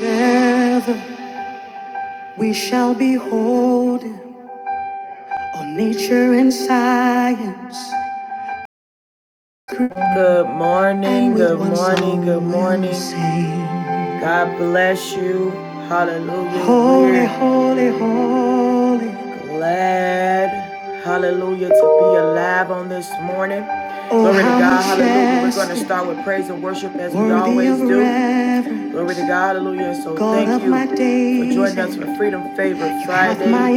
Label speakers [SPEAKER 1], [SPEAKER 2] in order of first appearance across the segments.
[SPEAKER 1] Together we shall behold him, nature and science. Good morning, good morning, good morning. God bless you. Hallelujah. Holy, holy, holy. Glad, hallelujah, to be alive on this morning. Oh, Glory to God, hallelujah. We're going to start with praise and worship as we always do. Glory to God, hallelujah. So thank you for joining us for Freedom Favor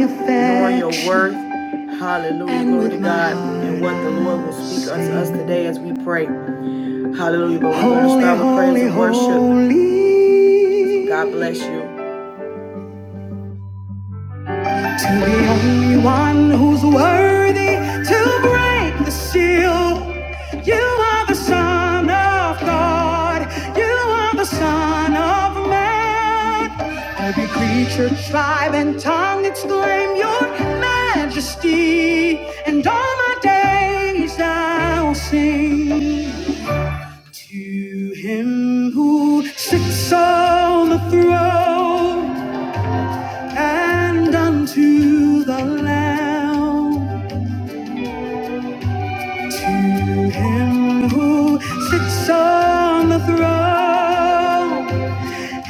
[SPEAKER 1] Friday, knowing your worth. Hallelujah, glory to God, and what the Lord will speak unto us today as we pray. Hallelujah. But we're going to start with praise and worship. So God bless you. to the only one who's worthy to break the seal. You are the Son of God, you are the Son of Man. Every creature, tribe, and tongue exclaim your majesty, and all my days I'll sing. To him who sits on the throne, and unto the Lamb, to him who sits on the throne,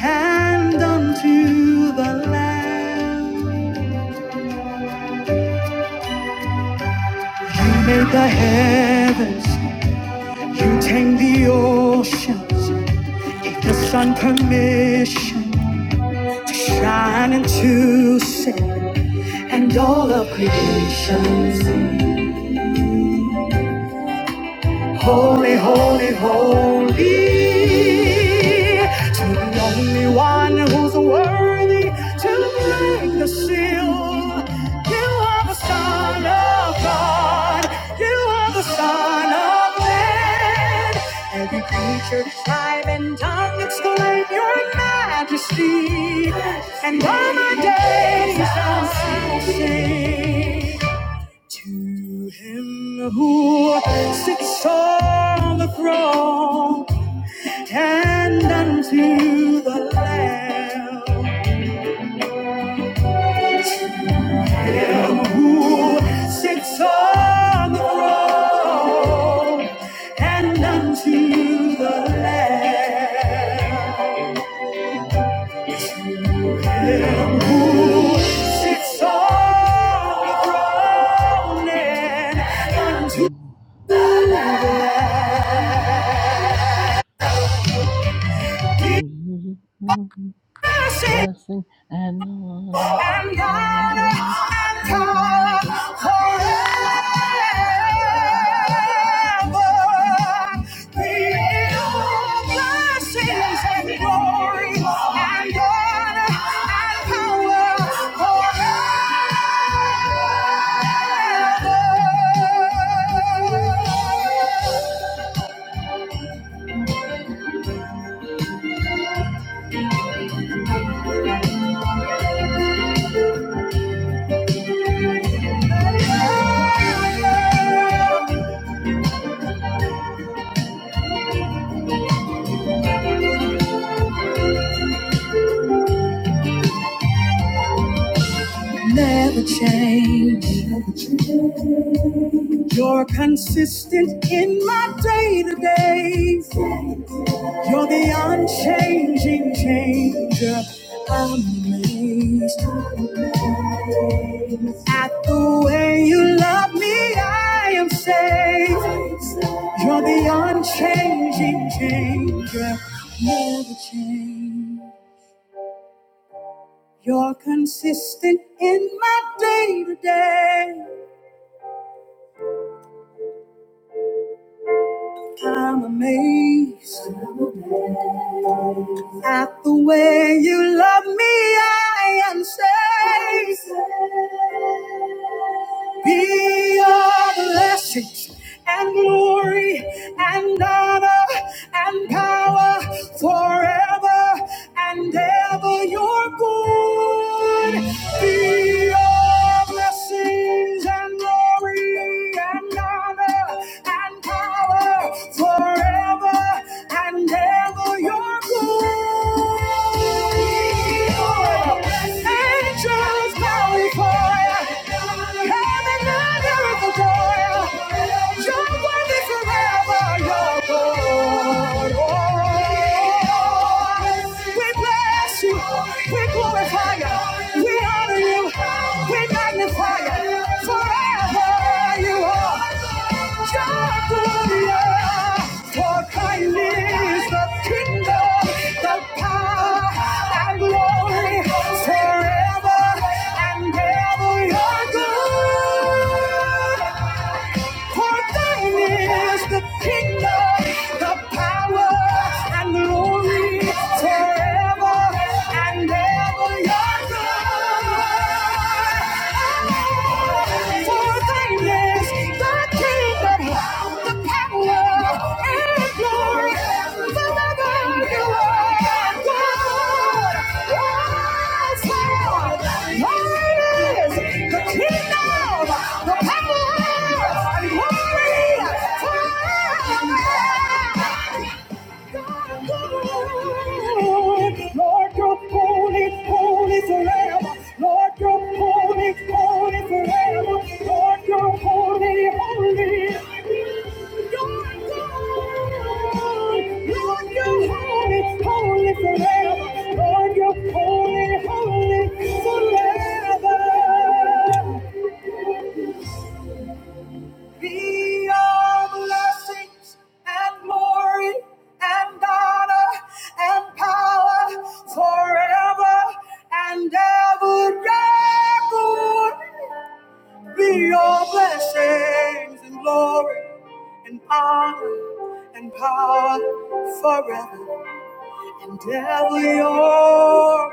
[SPEAKER 1] and unto the Lamb. You made the heavens, you tamed the oceans, gave the sun permission to shine and to sin, and all of creation sing. Holy, holy, holy, to the only one who's worthy to break the seal. You are the Son of God, you are the Son of Man. Every creature, tribe, and tongue exclaim your majesty, and all my days I'll sing. To him who sits on the throne and unto the Lamb, him who sits on the throne and unto the Lamb, him sits on the throne and unto the Lamb.
[SPEAKER 2] Mm-hmm. Mm-hmm.
[SPEAKER 1] Yes,
[SPEAKER 2] Blessing and honor.
[SPEAKER 1] I'm gonna,
[SPEAKER 2] Mm-hmm.
[SPEAKER 1] I'm
[SPEAKER 2] Mm-hmm.
[SPEAKER 1] gonna forever be in blessings and glory. I'm gonna, I'm gonna forever. Never change. You're consistent in my day to day. You're the unchanging changer. I'm amazed at the way you love me. I am saved. You're the unchanging changer. Never change. You're consistent in my day to day. I'm amazed at the way you love me. I am saved. Be your blessings and glory and honor and power forever and ever your good. Be your blessings and glory and honor and power forever and ever your good. Angels bow before you. Heaven and earth adore you. You're worthy forever, you're good. We bless you. We glorify you. We honor you. We magnify you. Forever you are. Your glory. For thine is the kingdom, the power, and glory forever and ever. Your God. For thine is the kingdom, the power, and the glory forever and ever. Your God. For thine is the kingdom, the power glory, power, Yeah. Lord, you're holy, holy forever. Lord, you're holy, holy forever. Lord, you're holy, holy. Lord, Lord, you're holy, holy forever. Lord, you're holy, holy forever. Be all blessings and glory and honor and power forever and ever. Lord, Be all blessings and glory and honor and power forever and ever. Your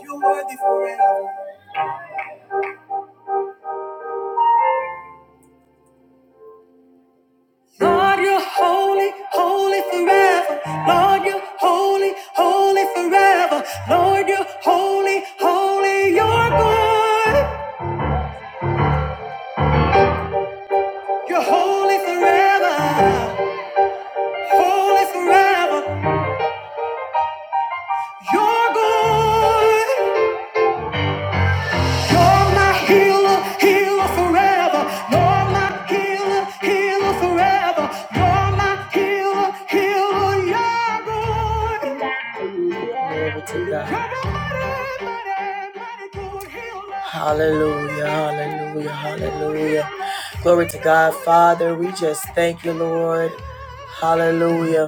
[SPEAKER 1] You're worthy forever. Lord, you're holy, holy forever. Lord, you're holy, holy forever. Lord, you're holy, holy, you're good. You're holy forever, holy forever. You're good. You're my healer, healer forever. You're my healer, healer forever. You're my healer, healer, Yahweh. Glory to God. Hallelujah, hallelujah, hallelujah. Glory to God, Father. We just thank you, Lord. Hallelujah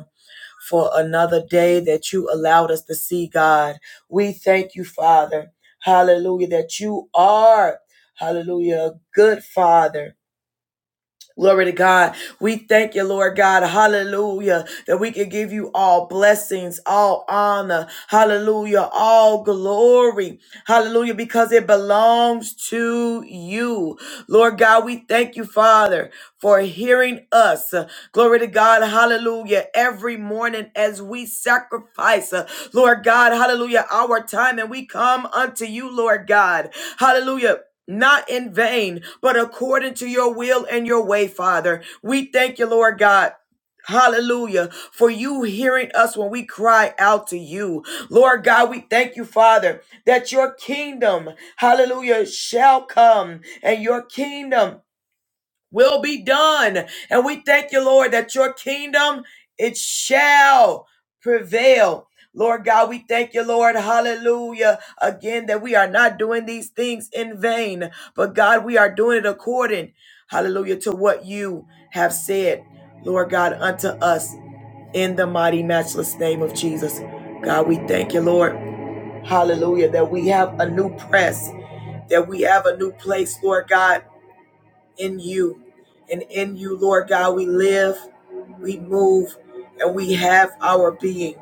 [SPEAKER 1] for another day that you allowed us to see, God. We thank you, Father. Hallelujah, that you are, hallelujah, a good Father. Glory to God. We thank you, Lord God. Hallelujah. That we can give you all blessings, all honor. Hallelujah. All glory. Hallelujah. Because it belongs to you. Lord God, we thank you, Father, for hearing us. Glory to God. Hallelujah. Every morning as we sacrifice, uh, Lord God, hallelujah, our time and we come unto you, Lord God. Hallelujah not in vain, but according to your will and your way, Father. We thank you, Lord God. Hallelujah. For you hearing us when we cry out to you. Lord God, we thank you, Father, that your kingdom, hallelujah, shall come and your kingdom will be done. And we thank you, Lord, that your kingdom, it shall prevail. Lord God, we thank you, Lord. Hallelujah. Again, that we are not doing these things in vain, but God, we are doing it according, hallelujah, to what you have said, Lord God, unto us in the mighty, matchless name of Jesus. God, we thank you, Lord. Hallelujah, that we have a new press, that we have a new place, Lord God in you. And in you, Lord God, we live, we move, and we have our being.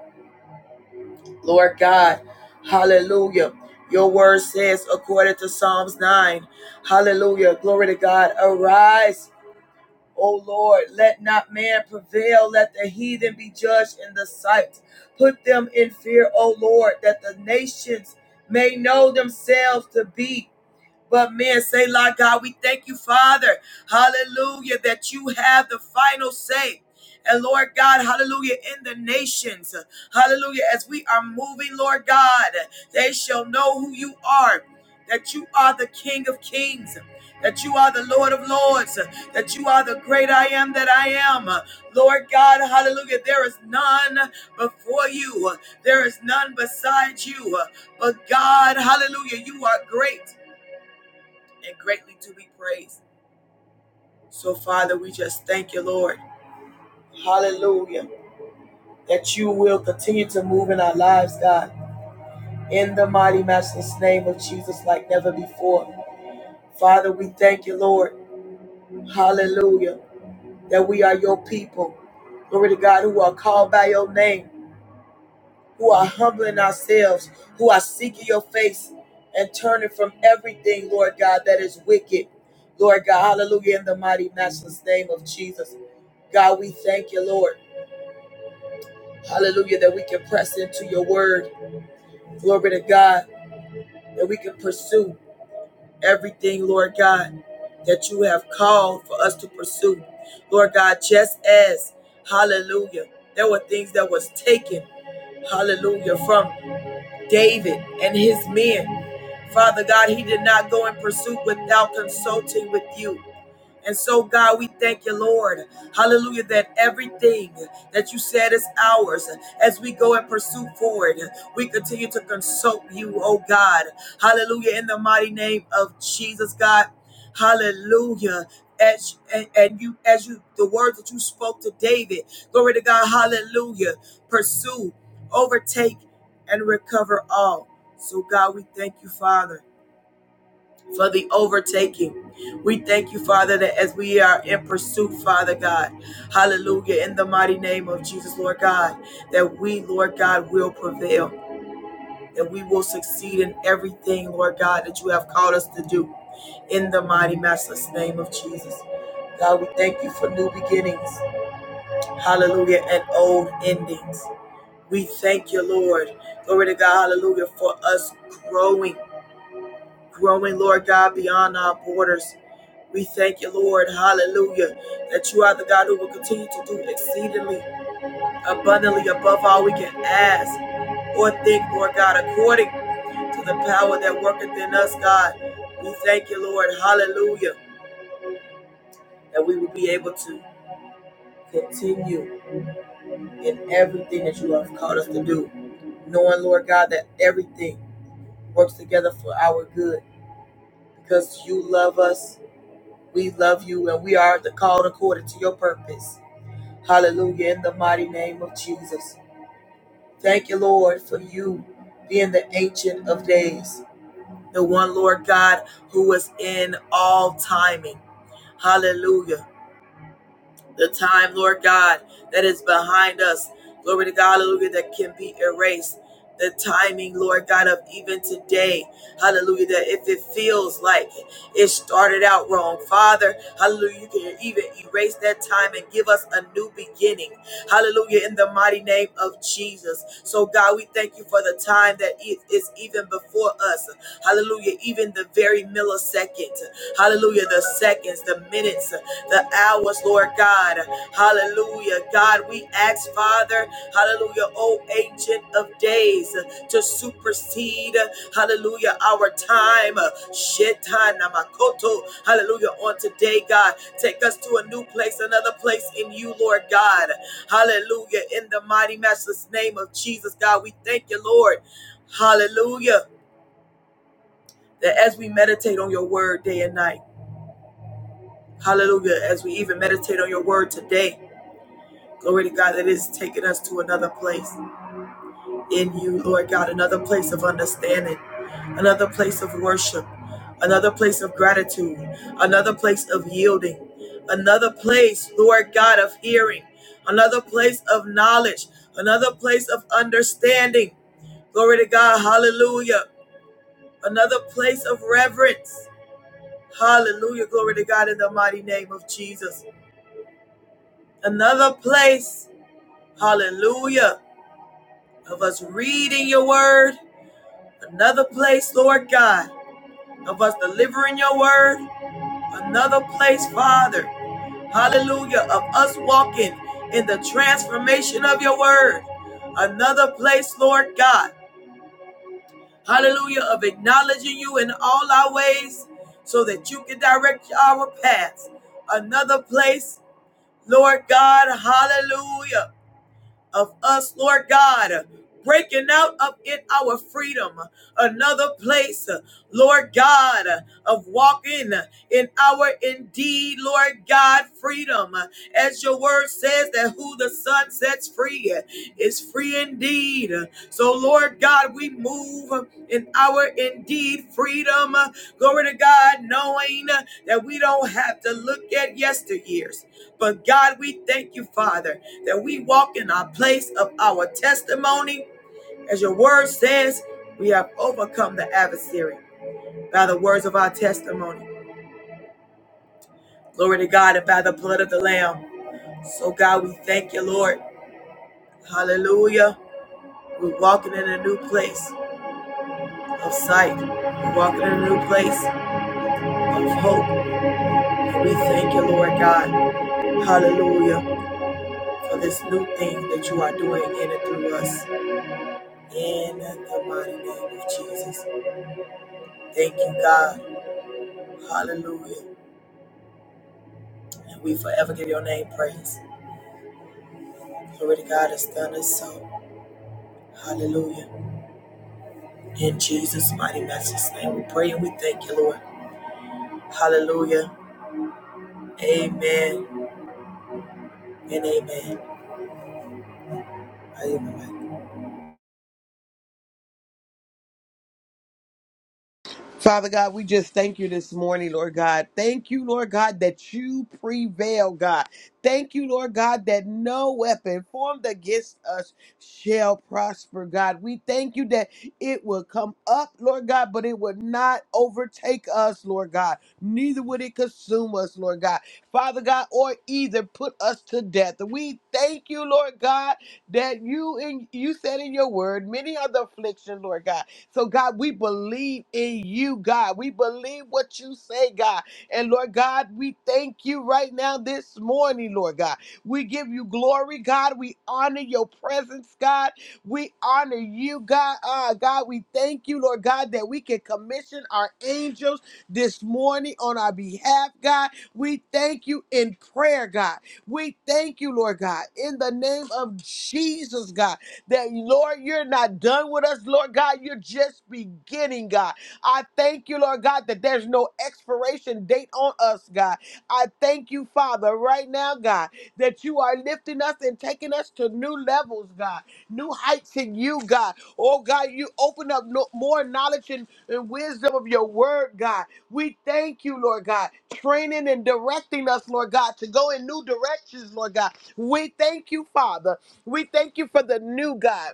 [SPEAKER 1] Lord God, hallelujah. Your word says, according to Psalms 9, hallelujah, glory to God, arise, O Lord, let not man prevail, let the heathen be judged in the sight. Put them in fear, O Lord, that the nations may know themselves to be. But men say, Lord God, we thank you, Father, hallelujah, that you have the final say. And Lord God, hallelujah, in the nations, hallelujah, as we are moving, Lord God, they shall know who you are, that you are the King of kings, that you are the Lord of lords, that you are the great I am that I am. Lord God, hallelujah, there is none before you, there is none beside you. But God, hallelujah, you are great and greatly to be praised. So, Father, we just thank you, Lord. Hallelujah. That you will continue to move in our lives, God, in the mighty Master's name of Jesus, like never before. Father, we thank you, Lord. Hallelujah. That we are your people. Glory to God, who are called by your name who are humbling ourselves, who are seeking your face and turning from everything, Lord God, that is wicked. Lord God, hallelujah, in the mighty, matchless name of Jesus. God, we thank you, Lord. Hallelujah, that we can press into your word. Glory to God, that we can pursue everything, Lord God, that you have called for us to pursue. Lord God, just as, hallelujah, there were things that was taken, hallelujah, from David and his men. Father God, he did not go in pursuit without consulting with you. And so, God, we thank you, Lord. Hallelujah, that everything that you said is ours as we go and pursue forward. We continue to consult you, oh God. Hallelujah, in the mighty name of Jesus, God. Hallelujah. As, and, and you, as you, the words that you spoke to David, glory to God, hallelujah. Pursue, overtake, and recover all. So, God, we thank you, Father, for the overtaking. We thank you, Father, that as we are in pursuit, Father God, hallelujah, in the mighty name of Jesus, Lord God, that we, Lord God, will prevail, that we will succeed in everything, Lord God, that you have called us to do, in the mighty Master's name of Jesus. God, we thank you for new beginnings, hallelujah, and old endings. We thank you, Lord. Glory to God, hallelujah, for us growing, growing, Lord God, beyond our borders. We thank you, Lord, hallelujah, that you are the God who will continue to do exceedingly, abundantly, above all we can ask or think, Lord God, according to the power that worketh in us, God. We thank you, Lord, hallelujah, that we will be able to continue in everything that you have called us to do, knowing, Lord God, that everything works together for our good because you love us, we love you, and we are the called according to your purpose. Hallelujah, in the mighty name of Jesus. Thank you, Lord, for you being the ancient of days, the one Lord God who was in all timing. Hallelujah. the time, Lord God, that is behind us. Glory to God, hallelujah, that can be erased. The timing, Lord God, of even today, hallelujah, that if it feels like it started out wrong, Father, hallelujah, you can even erase that time and give us a new beginning, hallelujah, in the mighty name of Jesus. So, God, we thank you for the time that is even before us, hallelujah, even the very millisecond, hallelujah, the seconds, the minutes, the hours, Lord God. Hallelujah. God, we ask, Father, hallelujah, O ancient of days, to supersede, hallelujah, our time. Shetana makoto. Hallelujah. On today, God, take us to a new place, another place in you, Lord God. Hallelujah. In the mighty, matchless name of Jesus, God, we thank you, Lord. Hallelujah. That as we meditate on your word day and night, hallelujah, as we even meditate on your word today, Glory to God that is taking us to another place in you, Lord God, another place of understanding, another place of worship, another place of gratitude, another place of yielding, another place, Lord God, of hearing, another place of knowledge, another place of understanding. Glory to God, hallelujah. Another place of reverence. Hallelujah. Glory to God in the mighty name of Jesus. Another place. Hallelujah of us reading your word, another place, Lord God, of us delivering your word, another place, Father, hallelujah, of us walking in the transformation of your word, another place, Lord God, hallelujah, of acknowledging you in all our ways so that you can direct our paths, another place, Lord God, hallelujah of us, Lord God. Breaking out of it our freedom, another place, Lord God, of walking in our indeed, Lord God, freedom. As your word says that who the Son sets free is free indeed. So, Lord God, we move in our indeed freedom. Glory to God, knowing that we don't have to look at yesteryears. But God, we thank you, Father that we walk in our place of our testimony. As your word says, we have overcome the adversary by the words of our testimony. Glory to God and by the blood of the Lamb. So, God, we thank you, Lord. Hallelujah. We're walking in a new place of sight. We're walking in a new place of hope. And we thank you, Lord God. Hallelujah. For this new thing that you are doing in and through us. In the mighty name of Jesus. Thank you, God. Hallelujah. And we forever give your name praise. Glory to God has done us so. Hallelujah. In Jesus' mighty matchless name, we pray and we thank you, Lord. Hallelujah. Amen and amen. Amen
[SPEAKER 3] Father God, we just thank you this morning, Lord God. Thank you, Lord God, that you prevail, God. Thank you, Lord God, that no weapon formed against us shall prosper, God. We thank you that it will come up, Lord God, but it will not overtake us, Lord God. Neither would it consume us, Lord God. Father God, or either put us to death. We thank you, Lord God, that you in you said in your word, many are the affliction, Lord God. So, God, we believe in you, God. We believe what you say, God. And Lord God, we thank you right now this morning, Lord God. We give you glory, God. We honor your presence, God. We honor you, God. Ah, God, we thank you, Lord God, that we can commission our angels this morning on our behalf, God. We thank you in prayer, God. We thank you, Lord God, in the name of Jesus, God that, Lord, you're not done with us, Lord God. You're just beginning, God. I thank you, Lord God, that there's no expiration date on us, God. I thank you, Father, right now, God, that you are lifting us and taking us to new levels, God, new heights in you, God. Oh, God, you open up no- more knowledge and, and wisdom of your word, God. We thank you, Lord God, training and directing us, Lord God, to go in new directions, Lord God. We thank you, Father. We thank you for the new God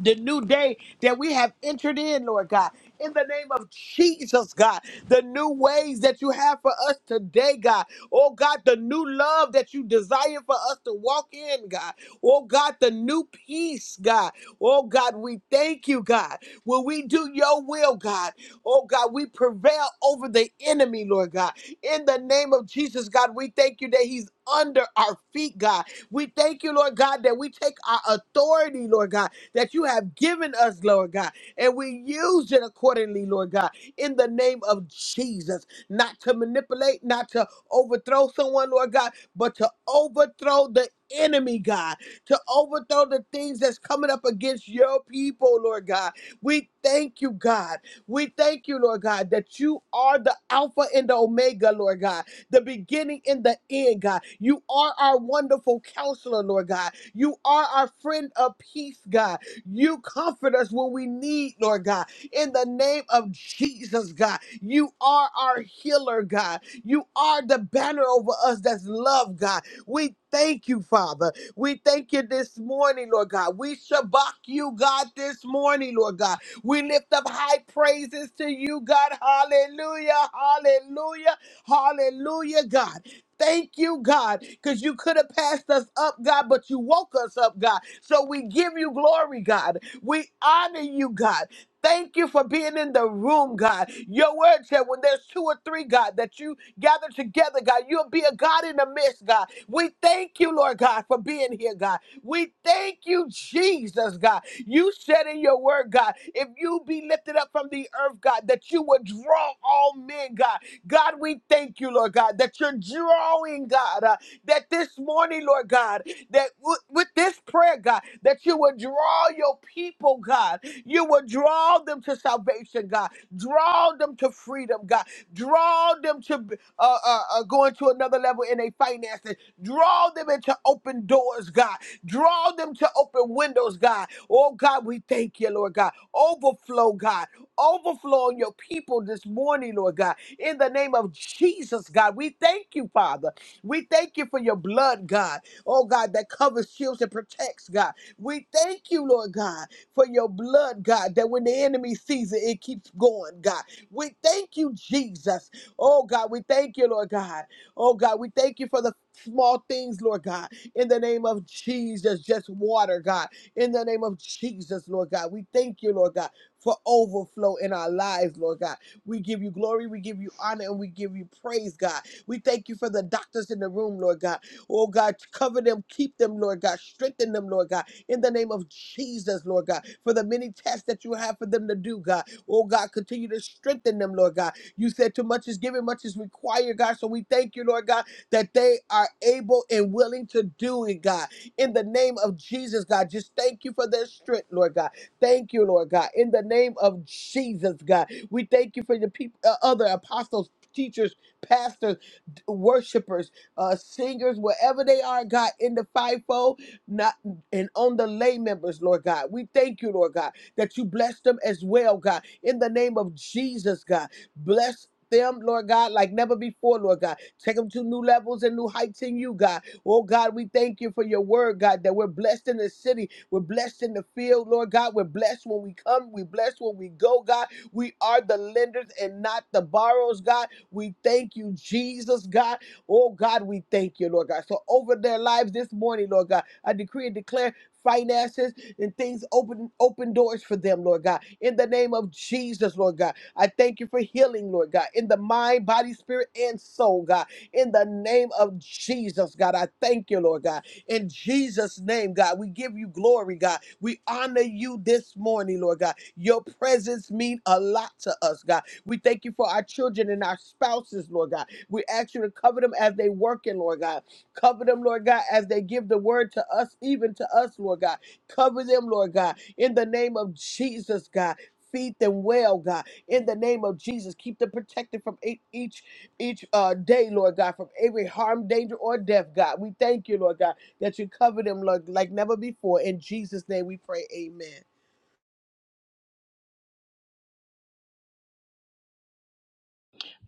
[SPEAKER 3] the new day that we have entered in, Lord God. In the name of Jesus, God, the new ways that you have for us today, God. Oh, God, the new love that you desire for us to walk in, God. Oh, God, the new peace, God. Oh, God, we thank you, God. When we do your will, God, oh, God, we prevail over the enemy, Lord God. In the name of Jesus, God, we thank you that he's under our feet, God. We thank you, Lord God, that we take our authority, Lord God that you have given us, Lord God. And we use it accordingly, Lord God, in the name of Jesus. Not to manipulate, not to overthrow someone, Lord God, but to overthrow the enemy, God, to overthrow the things that's coming up against your people, Lord God. We thank you, God. We thank you, Lord God, that you are the Alpha and the Omega, Lord God, the beginning and the end, God. You are our wonderful counselor, Lord God. You are our friend of peace, God. You comfort us when we need, Lord God. In the name of Jesus, God, you are our healer, God. You are the banner over us that's love, God. We thank you, Father. We thank you this morning, Lord God. We shabak you, God, this morning, Lord God. We lift up high praises to you, God. Hallelujah, hallelujah, hallelujah, God. Thank you, God, because you could have passed us up, God, but you woke us up, God. So we give you glory, God. We honor you, God. Thank you for being in the room, God. Your word said when there's two or three, God, that you gather together, God, you'll be a God in the midst, God. We thank you, Lord God, for being here, God. We thank you, Jesus, God. You said in your word, God, if you be lifted up from the earth, God, that you would draw all men, God. God, we thank you, Lord God, that you're drawing, God, uh, that this morning, Lord God, that w- with this prayer, God, that you will draw your people, God. You will draw them to salvation, God. Draw them to freedom, God. Draw them to uh, uh, uh, going to another level in their finances. Draw them into open doors, God. Draw them to open windows, God. Oh, God, we thank you, Lord God. Overflow, God. Overflow on your people this morning, Lord God in the name of Jesus, God. We thank you, Father. We thank you for your blood, God. Oh, God, that covers, shields, and protects, God. We thank you, Lord God, for your blood, God, that when the enemy sees it, it keeps going, God. We thank you, Jesus. Oh, God, we thank you, Lord God. Oh, God, we thank you for the small things, Lord God, in the name of Jesus. Just water, God, in the name of Jesus, Lord God. We thank you, Lord God, for overflow in our lives, Lord God. We give you glory, we give you honor, and we give you praise, God. We thank you for the doctors in the room, Lord God. Oh, God, cover them, keep them, Lord God. Strengthen them, Lord God. In the name of Jesus, Lord God, for the many tests that you have for them to do, God. Oh, God, continue to strengthen them, Lord God. You said too much is given, much is required, God. So we thank you, Lord God, that they are able and willing to do it, God. In the name of Jesus, God, just thank you for their strength, Lord God. Thank you, Lord God. In the name of Jesus, God. We thank you for the people, uh, other apostles, teachers, pastors, d- worshipers, uh, singers, wherever they are, God, in the fivefold, not and on the lay members, Lord God. We thank you, Lord God, that you bless them as well, God. In the name of Jesus, God, bless. Them, Lord God, like never before, Lord God. Take them to new levels and new heights in you, God. Oh, God, we thank you for your word, God, that we're blessed in the city. We're blessed in the field, Lord God. We're blessed when we come. We're blessed when we go, God. We are the lenders and not the borrowers, God. We thank you, Jesus, God. Oh, God, we thank you, Lord God. So over their lives this morning, Lord God, I decree and declare finances and things open open doors for them lord god in the name of jesus lord god i thank you for healing lord god in the mind body spirit and soul god in the name of jesus god i thank you lord god in Jesus' name, God, we give you glory, God. We honor you this morning, Lord God. Your presence mean a lot to us, God. We thank you for our children and our spouses, Lord God. We ask you to cover them as they working, Lord God. Cover them, Lord God, as they give the word to us, even to us, Lord God. Cover them, Lord God, in the name of Jesus, God. Feed them well, God, in the name of Jesus. Keep them protected from e- each each uh, day, Lord God, from every harm, danger, or death, God. We thank you, Lord God that you cover them, Lord, like never before. In Jesus' name we pray, amen.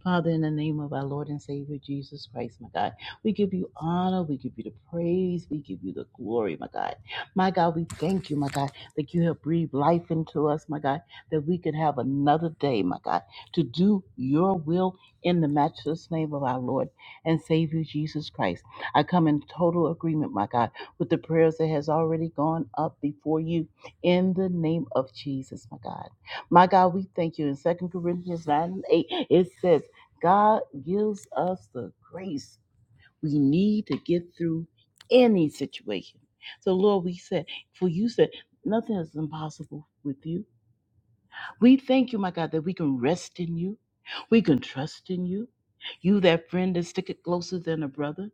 [SPEAKER 2] Father, in the name of our Lord and Savior Jesus Christ, my God, we give you honor, we give you the praise, we give you the glory, my God. My God, we thank you, my God, that you have breathed life into us, my God, that we could have another day, my God, to do your will in the matchless name of our Lord and Savior Jesus Christ. I come in total agreement, my God, with the prayers that has already gone up before you in the name of Jesus, my God. My God, we thank you. In Second Corinthians 9 and 8, it says, God gives us the grace we need to get through any situation. So, Lord, we said, for you said, nothing is impossible with you. We thank you, my God, that we can rest in you. We can trust in you. You, that friend that sticketh closer than a brother.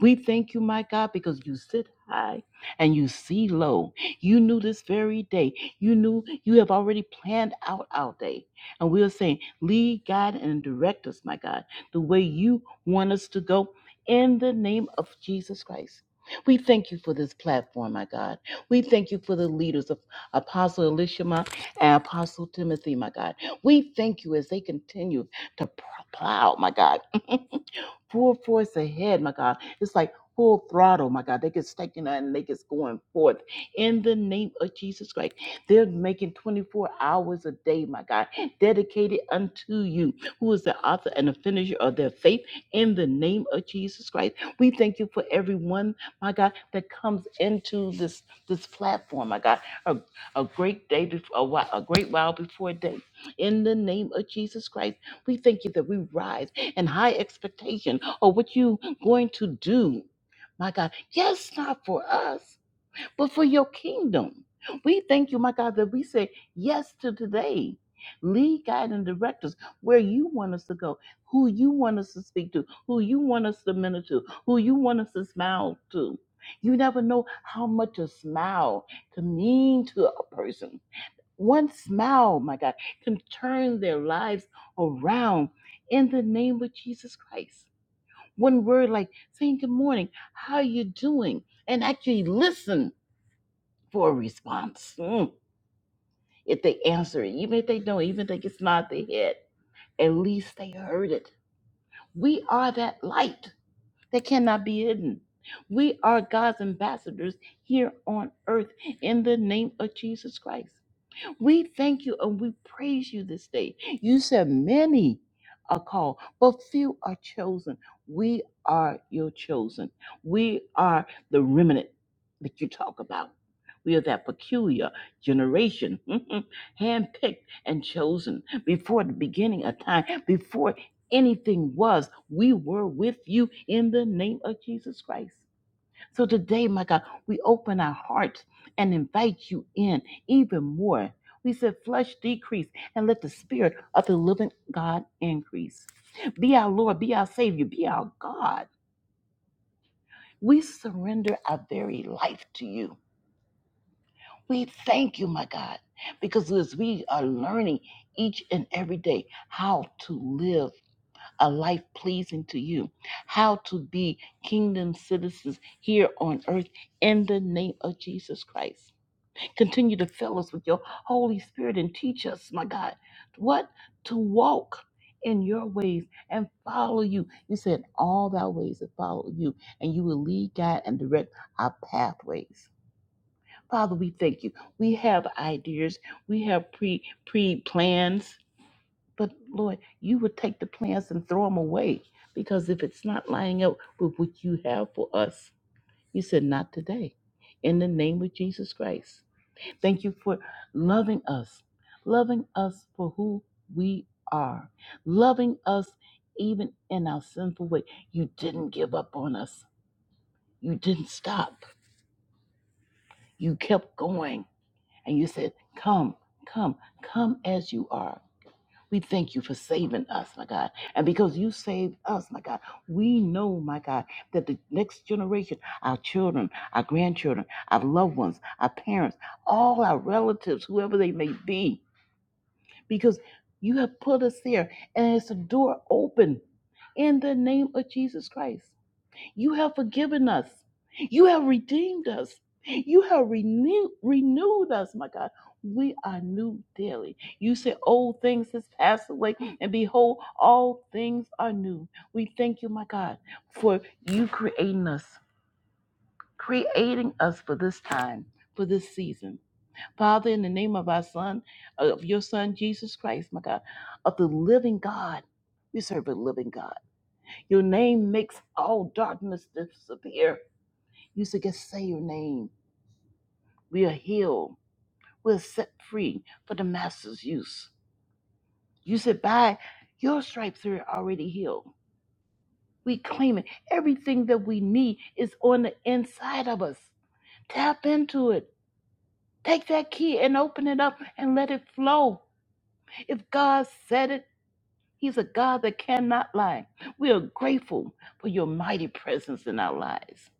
[SPEAKER 2] We thank you, my God, because you sit high and you see low. You knew this very day. You knew you have already planned out our day. And we are saying, lead, guide, and direct us, my God, the way you want us to go in the name of Jesus Christ. We thank you for this platform, my God. We thank you for the leaders of Apostle Elishama and Apostle Timothy, my God. We thank you as they continue to plow, my God. full force ahead, my God. It's like full throttle, my God. They get staking out and they get going forth in the name of Jesus Christ. They're making 24 hours a day, my God, dedicated unto you, who is the author and the finisher of their faith in the name of Jesus Christ. We thank you for everyone, my God, that comes into this this platform, my God. A, a great day before a, while, a great while before day. In the name of Jesus Christ, we thank you that we rise and high expectation of what you going to do. My God, yes, not for us, but for your kingdom. We thank you, my God, that we say yes to today. Lead, guide, and direct us where you want us to go, who you want us to speak to, who you want us to minister to, who you want us to smile to. You never know how much a smile can mean to a person one smile, my God, can turn their lives around in the name of Jesus Christ. One word like saying good morning, how are you doing? And actually listen for a response. Mm. If they answer it, even if they don't, even if they just nod their head, at least they heard it. We are that light that cannot be hidden. We are God's ambassadors here on earth in the name of Jesus Christ. We thank you and we praise you this day. You said many are called, but few are chosen. We are your chosen. We are the remnant that you talk about. We are that peculiar generation, handpicked and chosen before the beginning of time, before anything was. We were with you in the name of Jesus Christ. So today, my God, we open our hearts and invite you in even more. We said, flesh decrease and let the spirit of the living God increase. Be our Lord, be our Savior, be our God. We surrender our very life to you. We thank you, my God, because as we are learning each and every day how to live a life pleasing to you, how to be kingdom citizens here on earth in the name of Jesus Christ. Continue to fill us with your Holy Spirit and teach us, my God, what to walk in your ways and follow you. You said all thy ways that follow you, and you will lead, guide, and direct our pathways. Father, we thank you. We have ideas, we have pre pre plans, but Lord, you would take the plans and throw them away because if it's not lining up with what you have for us, you said not today. In the name of Jesus Christ. Thank you for loving us, loving us for who we are, loving us even in our sinful way. You didn't give up on us, you didn't stop, you kept going, and you said, Come, come, come as you are. We thank you for saving us, my God. And because you saved us, my God, we know, my God, that the next generation, our children, our grandchildren, our loved ones, our parents, all our relatives, whoever they may be, because you have put us there and it's a door open in the name of Jesus Christ. You have forgiven us. You have redeemed us. You have renewed renewed us, my God. We are new daily. You said old things has passed away, and behold, all things are new. We thank you, my God, for you creating us, creating us for this time, for this season. Father, in the name of our Son, of your Son, Jesus Christ, my God, of the living God. We serve a living God. Your name makes all darkness disappear. You said, just say your name. We are healed. We're set free for the Master's use. You said, by your stripes, we're already healed. We claim it. Everything that we need is on the inside of us. Tap into it. Take that key and open it up and let it flow. If God said it, He's a God that cannot lie. We are grateful for your mighty presence in our lives.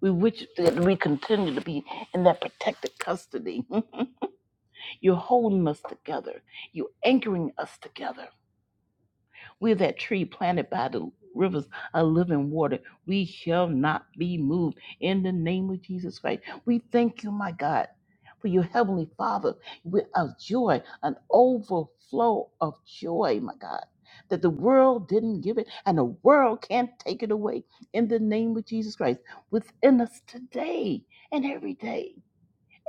[SPEAKER 2] We wish that we continue to be in that protected custody. You're holding us together. You're anchoring us together. We're that tree planted by the rivers of living water. We shall not be moved in the name of Jesus Christ. We thank you, my God, for your heavenly Father with a joy, an overflow of joy, my God. That the world didn't give it and the world can't take it away in the name of Jesus Christ within us today and every day.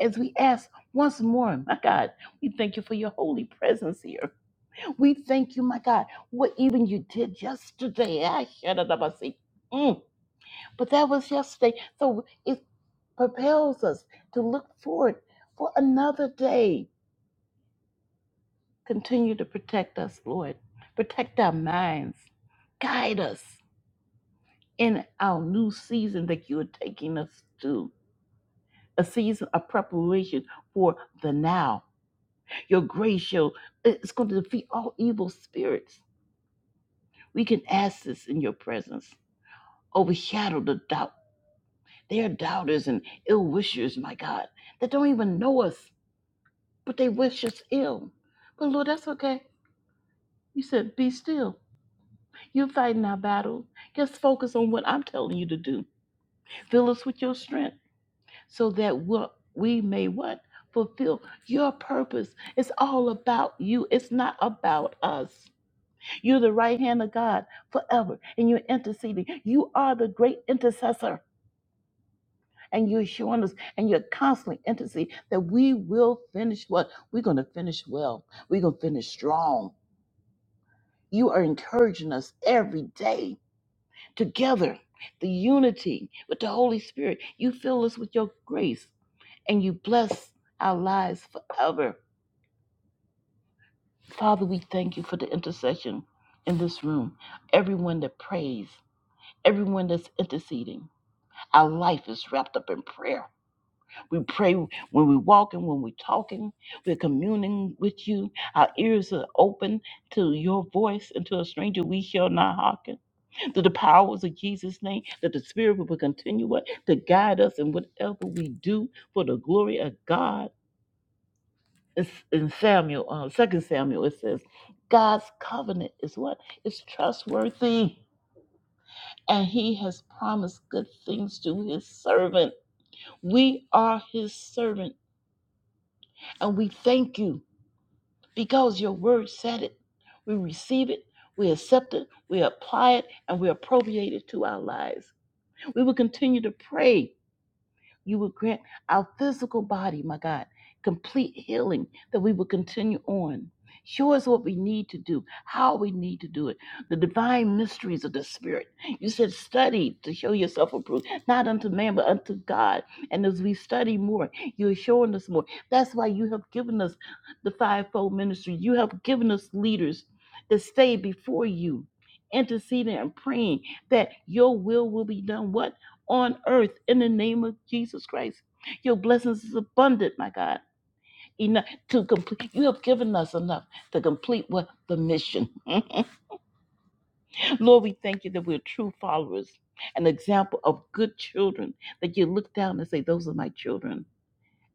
[SPEAKER 2] As we ask once more, my God, we thank you for your holy presence here we thank you, my God, what even you did yesterday. Ah, shadadabasi. Mm. But that was yesterday. So it propels us to look forward for another day. Continue to protect us, Lord. Protect our minds. Guide us in our new season that you are taking us to. A season of preparation for the now. Your grace, shall it's going to defeat all evil spirits. We can ask this in your presence. overshadow the doubt. They are doubters and ill wishers, my God, that don't even know us, but they wish us ill. But Lord, that's okay. You said, be still. You're fighting our battle. Just focus on what I'm telling you to do. Fill us with your strength so that what we may what? Fulfill your purpose. It's all about you. It's not about us. You're the right hand of God forever and you're interceding. You are the great intercessor. and you're showing us and you're constantly intimacy that we will finish what we're going to finish well we're going to finish strong you are encouraging us every day together the unity with the holy spirit you fill us with your grace and you bless our lives forever father we thank you for the intercession in this room everyone that prays everyone that's interceding our life is wrapped up in prayer We pray when we're walking, when we're talking, we're communing with you. Our ears are open to your voice, and to a stranger we shall not hearken. To the powers of Jesus' name, that the Spirit will continue to guide us in whatever we do for the glory of God. It's in Samuel, uh, 2 Samuel, it says, God's covenant is what? It's trustworthy, and He has promised good things to His servant. We are His servant, and we thank you because your word said it. We receive it, we accept it, we apply it, and we appropriate it to our lives. We will continue to pray you would grant our physical body, my God, complete healing that we will continue on. Show us what we need to do, how we need to do it, the divine mysteries of the Spirit. You said, study to show yourself approved, not unto man, but unto God. And as we study more, you're showing us more. That's why you have given us the fivefold ministry. You have given us leaders that stay before you, interceding and praying that your will will be done. What? on earth in the name of Jesus Christ. Your blessings is abundant, my God. Enough to complete. You have given us enough to complete what the mission. Lord, we thank you that we're true followers, an example of good children. That you look down and say, "Those are my children,"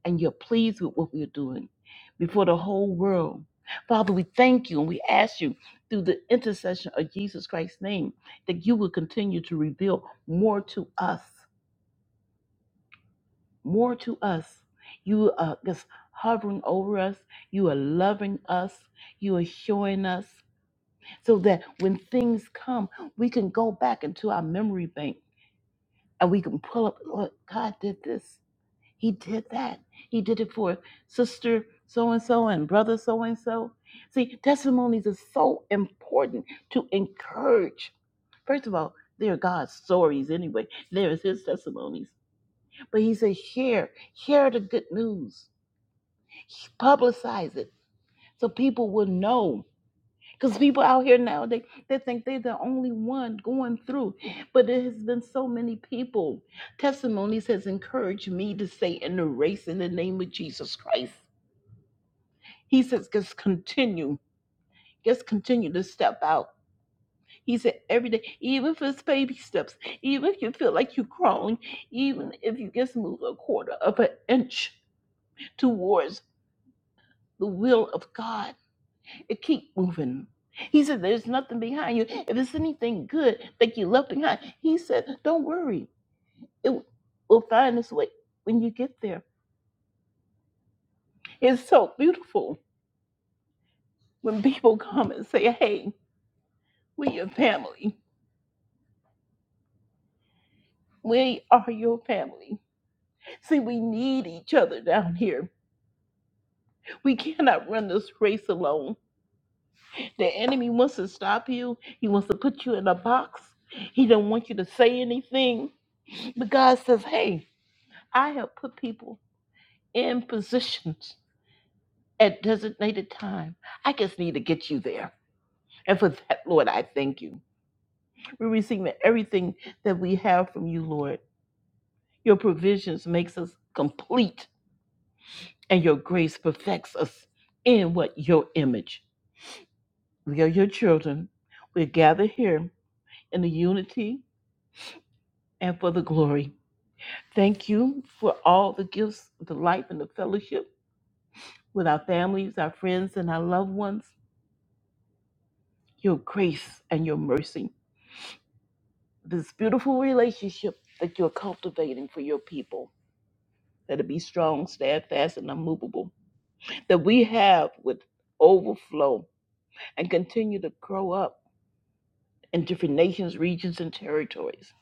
[SPEAKER 2] and you're pleased with what we're doing before the whole world. Father, we thank you and we ask you through the intercession of Jesus Christ's name that you will continue to reveal more to us more to us. You are just hovering over us. You are loving us. You are showing us so that when things come, we can go back into our memory bank and we can pull up, Lord, God did this. He did that. He did it for sister so and so and brother so and so. See, testimonies are so important to encourage. First of all, they're God's stories anyway. There is his testimonies but he says, share, share the good news, publicize it so people will know. Because people out here now, they, they think they're the only one going through. But there has been so many people. Testimonies has encouraged me to say in the race in the name of Jesus Christ. He says, just continue. Just continue to step out. He said, every day, even if it's baby steps, even if you feel like you're crawling, even if you just move a quarter of an inch, towards the will of God and keep moving. He said, There's nothing behind you. If it's anything good that you left behind, he said, Don't worry. It will find its way when you get there. It's so beautiful when people come and say, Hey, we're your family. We are your family. See, we need each other down here. We cannot run this race alone. The enemy wants to stop you, he wants to put you in a box. He don't want you to say anything. But God says, Hey, I have put people in positions at designated time. I just need to get you there. And for that, Lord, I thank you. We're receiving everything that we have from you, Lord. Your provisions makes us complete, and your grace perfects us in what your image. We are your children. We're gathered here in the unity and for the glory. Thank you for all the gifts, the life, and the fellowship with our families, our friends, and our loved ones. your grace and your mercy. This beautiful relationship that you're cultivating for your people, that it be strong, steadfast, and unmovable, that we have with overflow and continue to grow up in different nations, regions, and territories.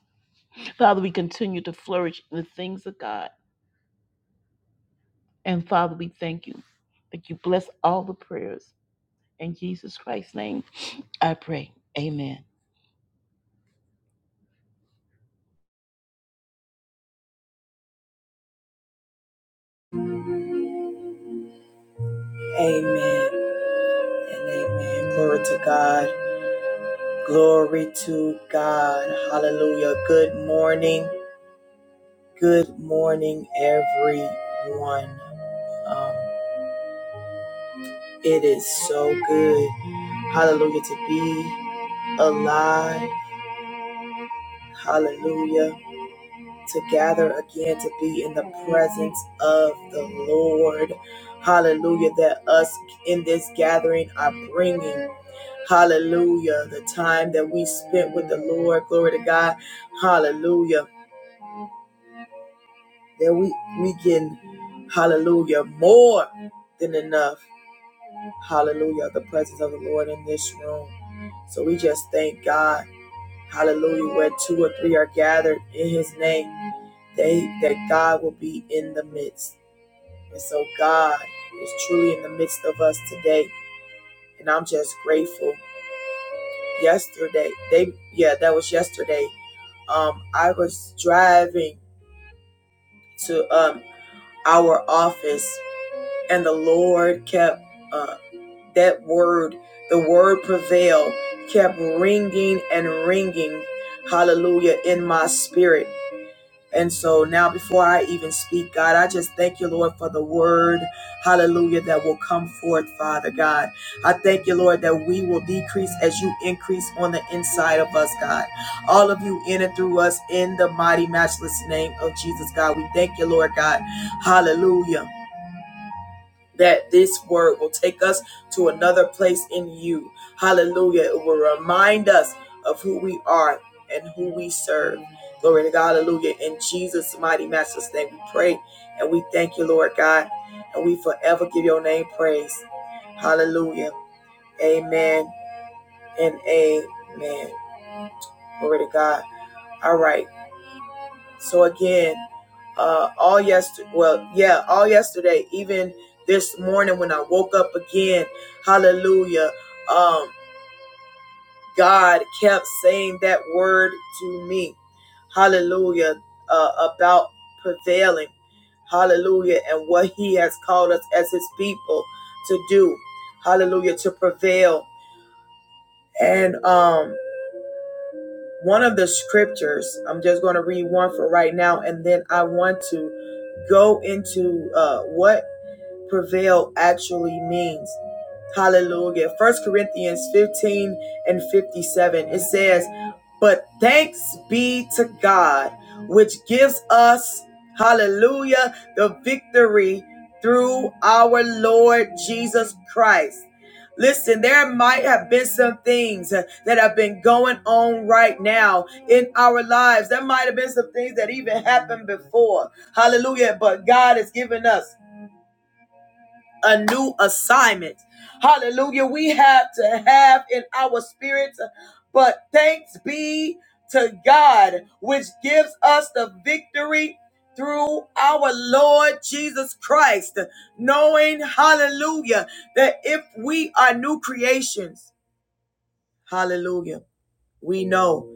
[SPEAKER 2] Father, we continue to flourish in the things of God. And Father, we thank you that you bless all the prayers. In Jesus Christ's name, I pray. Amen.
[SPEAKER 1] Amen and amen. Glory to God. Glory to God. Hallelujah. Good morning. Good morning, everyone. Um, it is so good. Hallelujah to be alive Hallelujah. To gather again to be in the presence of the Lord. Hallelujah. That us in this gathering are bringing. Hallelujah. The time that we spent with the Lord. Glory to God. Hallelujah. That we, we can, hallelujah, more than enough. Hallelujah. The presence of the Lord in this room. So we just thank God. Hallelujah. Where two or three are gathered in his name, they that God will be in the midst. And so God is truly in the midst of us today. And I'm just grateful. Yesterday, they yeah, that was yesterday. Um, I was driving to um our office and the Lord kept uh that word, the word prevail, kept ringing and ringing, hallelujah, in my spirit. And so now, before I even speak, God, I just thank you, Lord, for the word, hallelujah, that will come forth, Father God. I thank you, Lord, that we will decrease as you increase on the inside of us, God. All of you in and through us in the mighty, matchless name of Jesus, God. We thank you, Lord, God. Hallelujah that this word will take us to another place in you. Hallelujah. It will remind us of who we are and who we serve. Glory to God. Hallelujah. In Jesus' mighty master's name, we pray and we thank you, Lord God. And we forever give your name praise. Hallelujah. Amen and amen. Glory to God. All right. So again, uh, all yesterday, well, yeah, all yesterday, even this morning when I woke up again, hallelujah, um, God kept saying that word to me, hallelujah, uh, about prevailing, hallelujah, and what He has called us as His people to do, hallelujah, to prevail. And, um, one of the scriptures i'm just going to read one for right now and then i want to go into uh, what prevail actually means. Hallelujah. First Corinthians 15 and 57. It says, But thanks be to God, which gives us, hallelujah, the victory through our Lord Jesus Christ. Listen, there might have been some things uh, that have been going on right now in our lives. There might have been some things that even happened before. Hallelujah. But God has given us a new assignment. Hallelujah. We have to have in our spirit, but thanks be to God, which gives us the victory through our Lord Jesus Christ, knowing, hallelujah, that if we are new creations, hallelujah, we know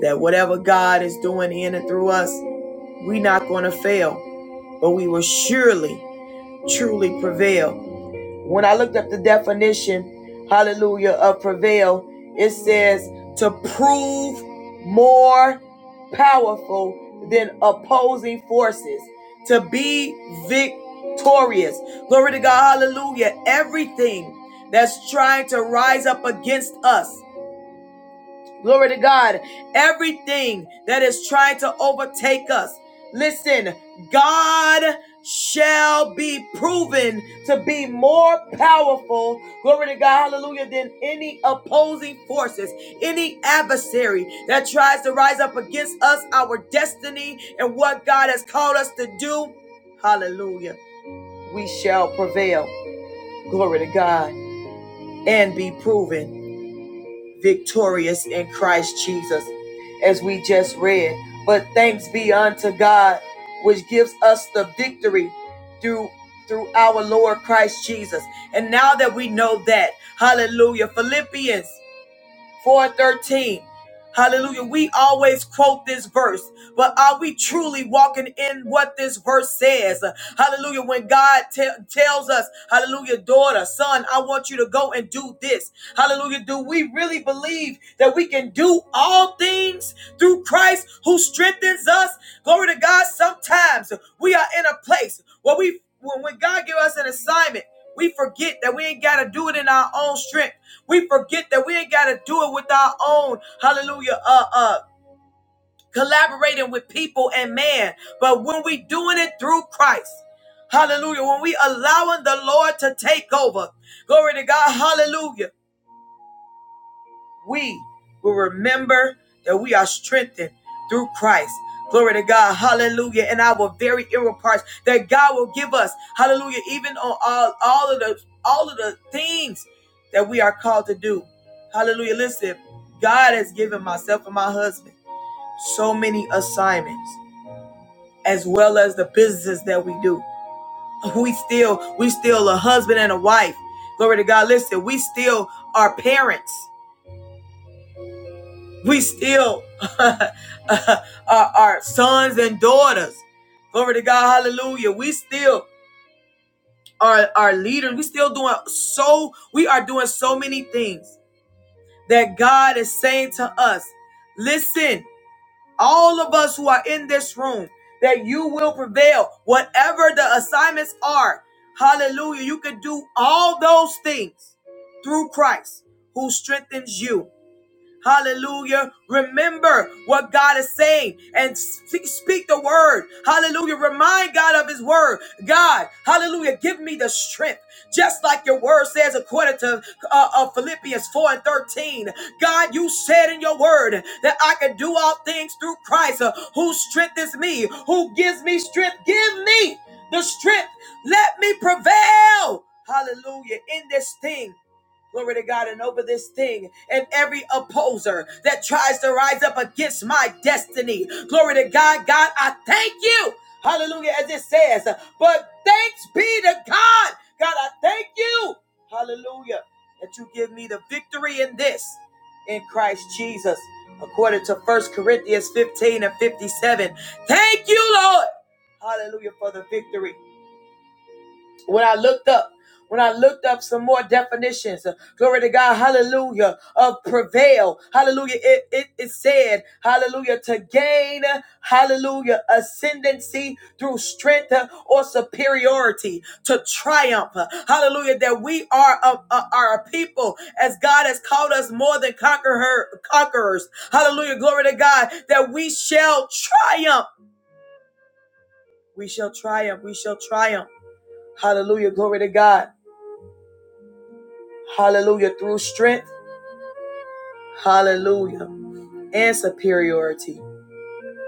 [SPEAKER 1] that whatever God is doing in and through us, we're not going to fail, but we will surely, truly prevail When I looked up the definition, hallelujah, of prevail, it says to prove more powerful than opposing forces, to be victorious. Glory to God, hallelujah. Everything that's trying to rise up against us. Glory to God. Everything that is trying to overtake us, listen, God shall be proven to be more powerful. Glory to God. Hallelujah. Than any opposing forces, any adversary that tries to rise up against us, our destiny, and what God has called us to do. Hallelujah. We shall prevail. Glory to God and be proven victorious in Christ Jesus, as we just read. But thanks be unto God, which gives us the victory through through our Lord Christ Jesus. And now that we know that, hallelujah. Philippians 413. Hallelujah. We always quote this verse, but are we truly walking in what this verse says? Hallelujah. When God te- tells us, Hallelujah, daughter, son, I want you to go and do this. Hallelujah. Do we really believe that we can do all things through Christ who strengthens us? Glory to God. Sometimes we are in a place where we, when, when God gives us an assignment, we forget that we ain't got to do it in our own strength. We forget that we ain't got to do it with our own, hallelujah, uh, uh, collaborating with people and man. But when we doing it through Christ, hallelujah, when we allowing the Lord to take over, glory to God, hallelujah we will remember that we are strengthened through Christ. Glory to God. Hallelujah. And our very inward parts that God will give us. Hallelujah. Even on all, all of the all of the things that we are called to do. Hallelujah. Listen, God has given myself and my husband so many assignments as well as the businesses that we do. We still, we still a husband and a wife. Glory to God. Listen, we still are parents. We still are, are sons and daughters. Glory to God. Hallelujah. We still are, are leaders. We still doing so, we are doing so many things that God is saying to us. Listen, all of us who are in this room, that you will prevail. Whatever the assignments are, hallelujah, you can do all those things through Christ who strengthens you. Hallelujah. Remember what God is saying and sp- speak the word. Hallelujah. Remind God of his word. God, hallelujah, give me the strength. Just like your word says, according to uh, uh, Philippians 4 and 13. God, you said in your word that I can do all things through Christ uh, who strengthens me, who gives me strength. Give me the strength. Let me prevail. Hallelujah. In this thing. Glory to God and over this thing and every opposer that tries to rise up against my destiny. Glory to God. God, I thank you. Hallelujah. As it says, but thanks be to God. God, I thank you. Hallelujah. That you give me the victory in this in Christ Jesus. According to First Corinthians 15 and 57. Thank you, Lord. Hallelujah for the victory when I looked up, when I looked up some more definitions, uh, glory to God, hallelujah, of prevail, hallelujah, it, it, it said, hallelujah, to gain, uh, hallelujah, ascendancy through strength uh, or superiority, to triumph, uh, hallelujah, that we are a, a, are a people as God has called us more than conqueror, conquerors, hallelujah, glory to God, that we shall triumph, we shall triumph, we shall triumph, hallelujah, glory to God. Hallelujah. Through strength. Hallelujah. And superiority.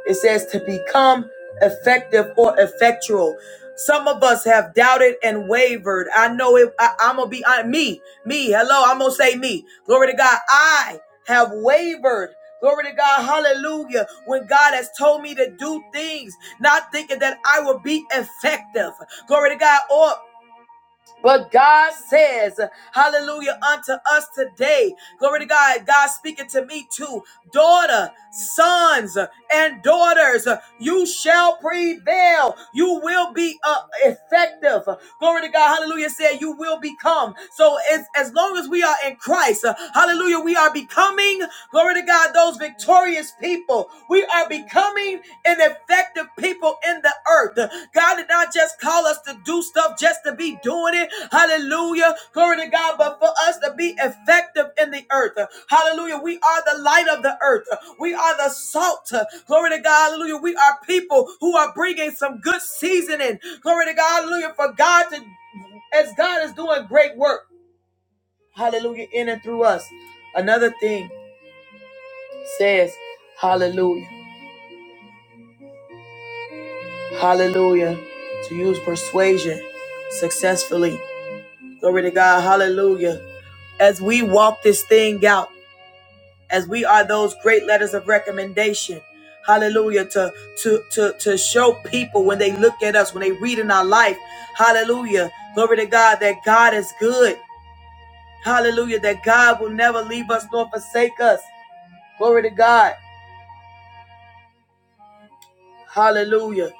[SPEAKER 1] It says to become effective or effectual. Some of us have doubted and wavered. I know it. I, am going to be on me. Me. Hello. I'm going to say me. Glory to God. I have wavered. Glory to God. Hallelujah. When God has told me to do things, not thinking that I will be effective. Glory to God. Or but God says, hallelujah, unto us today, glory to God, God speaking to me too, daughter, sons, and daughters, you shall prevail. You will be uh, effective. Glory to God, hallelujah, said you will become. So as, as long as we are in Christ, uh, hallelujah, we are becoming, glory to God, those victorious people. We are becoming an effective people in the earth. God did not just call us to do stuff just to be doing it. Hallelujah. Glory to God. But for us to be effective in the earth. Hallelujah. We are the light of the earth. We are the salt. Glory to God. Hallelujah. We are people who are bringing some good seasoning. Glory to God. Hallelujah. For God to, as God is doing great work. Hallelujah. In and through us. Another thing says, Hallelujah. Hallelujah. To use persuasion successfully. Glory to God. Hallelujah. As we walk this thing out, as we are those great letters of recommendation. Hallelujah. To to to to show people when they look at us, when they read in our life. Hallelujah. Glory to God that God is good. Hallelujah. That God will never leave us nor forsake us. Glory to God. Hallelujah.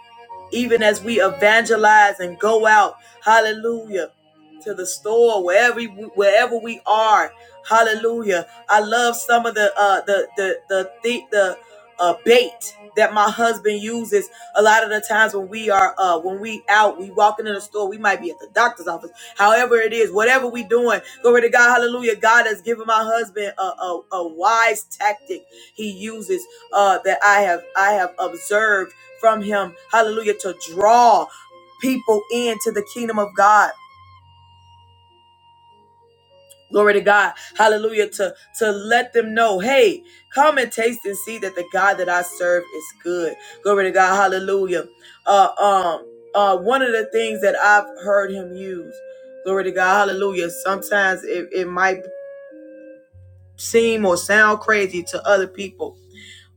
[SPEAKER 1] Even as we evangelize and go out, hallelujah, to the store, wherever wherever we are, hallelujah. I love some of the uh, the the the the, the uh, bait that my husband uses a lot of the times when we are uh when we out we walking in the store we might be at the doctor's office however it is whatever we doing glory to god hallelujah god has given my husband a, a, a wise tactic he uses uh, that I have I have observed from him. Hallelujah to draw people into the kingdom of God. Glory to God. Hallelujah to to let them know, hey, come and taste and see that the God that I serve is good. Glory to God. Hallelujah. Uh, um, uh, one of the things that I've heard him use. Glory to God. Hallelujah. Sometimes it, it might seem or sound crazy to other people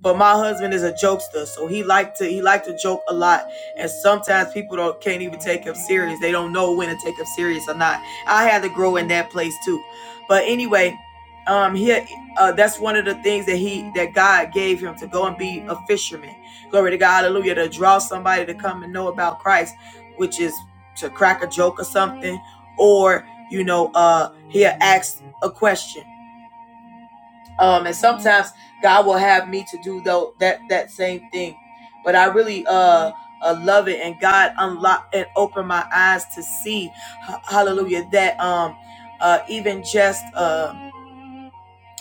[SPEAKER 1] But my husband is a jokester, so he liked to he liked to joke a lot. And sometimes people don't can't even take him serious. They don't know when to take him serious or not. I had to grow in that place too. But anyway, um, he uh, that's one of the things that he that God gave him to go and be a fisherman. Glory to God, Hallelujah! To draw somebody to come and know about Christ, which is to crack a joke or something, or you know, uh, he'll ask a question um and sometimes god will have me to do though that that same thing but i really uh uh, love it and God unlock and open my eyes to see, h- hallelujah, that um uh even just uh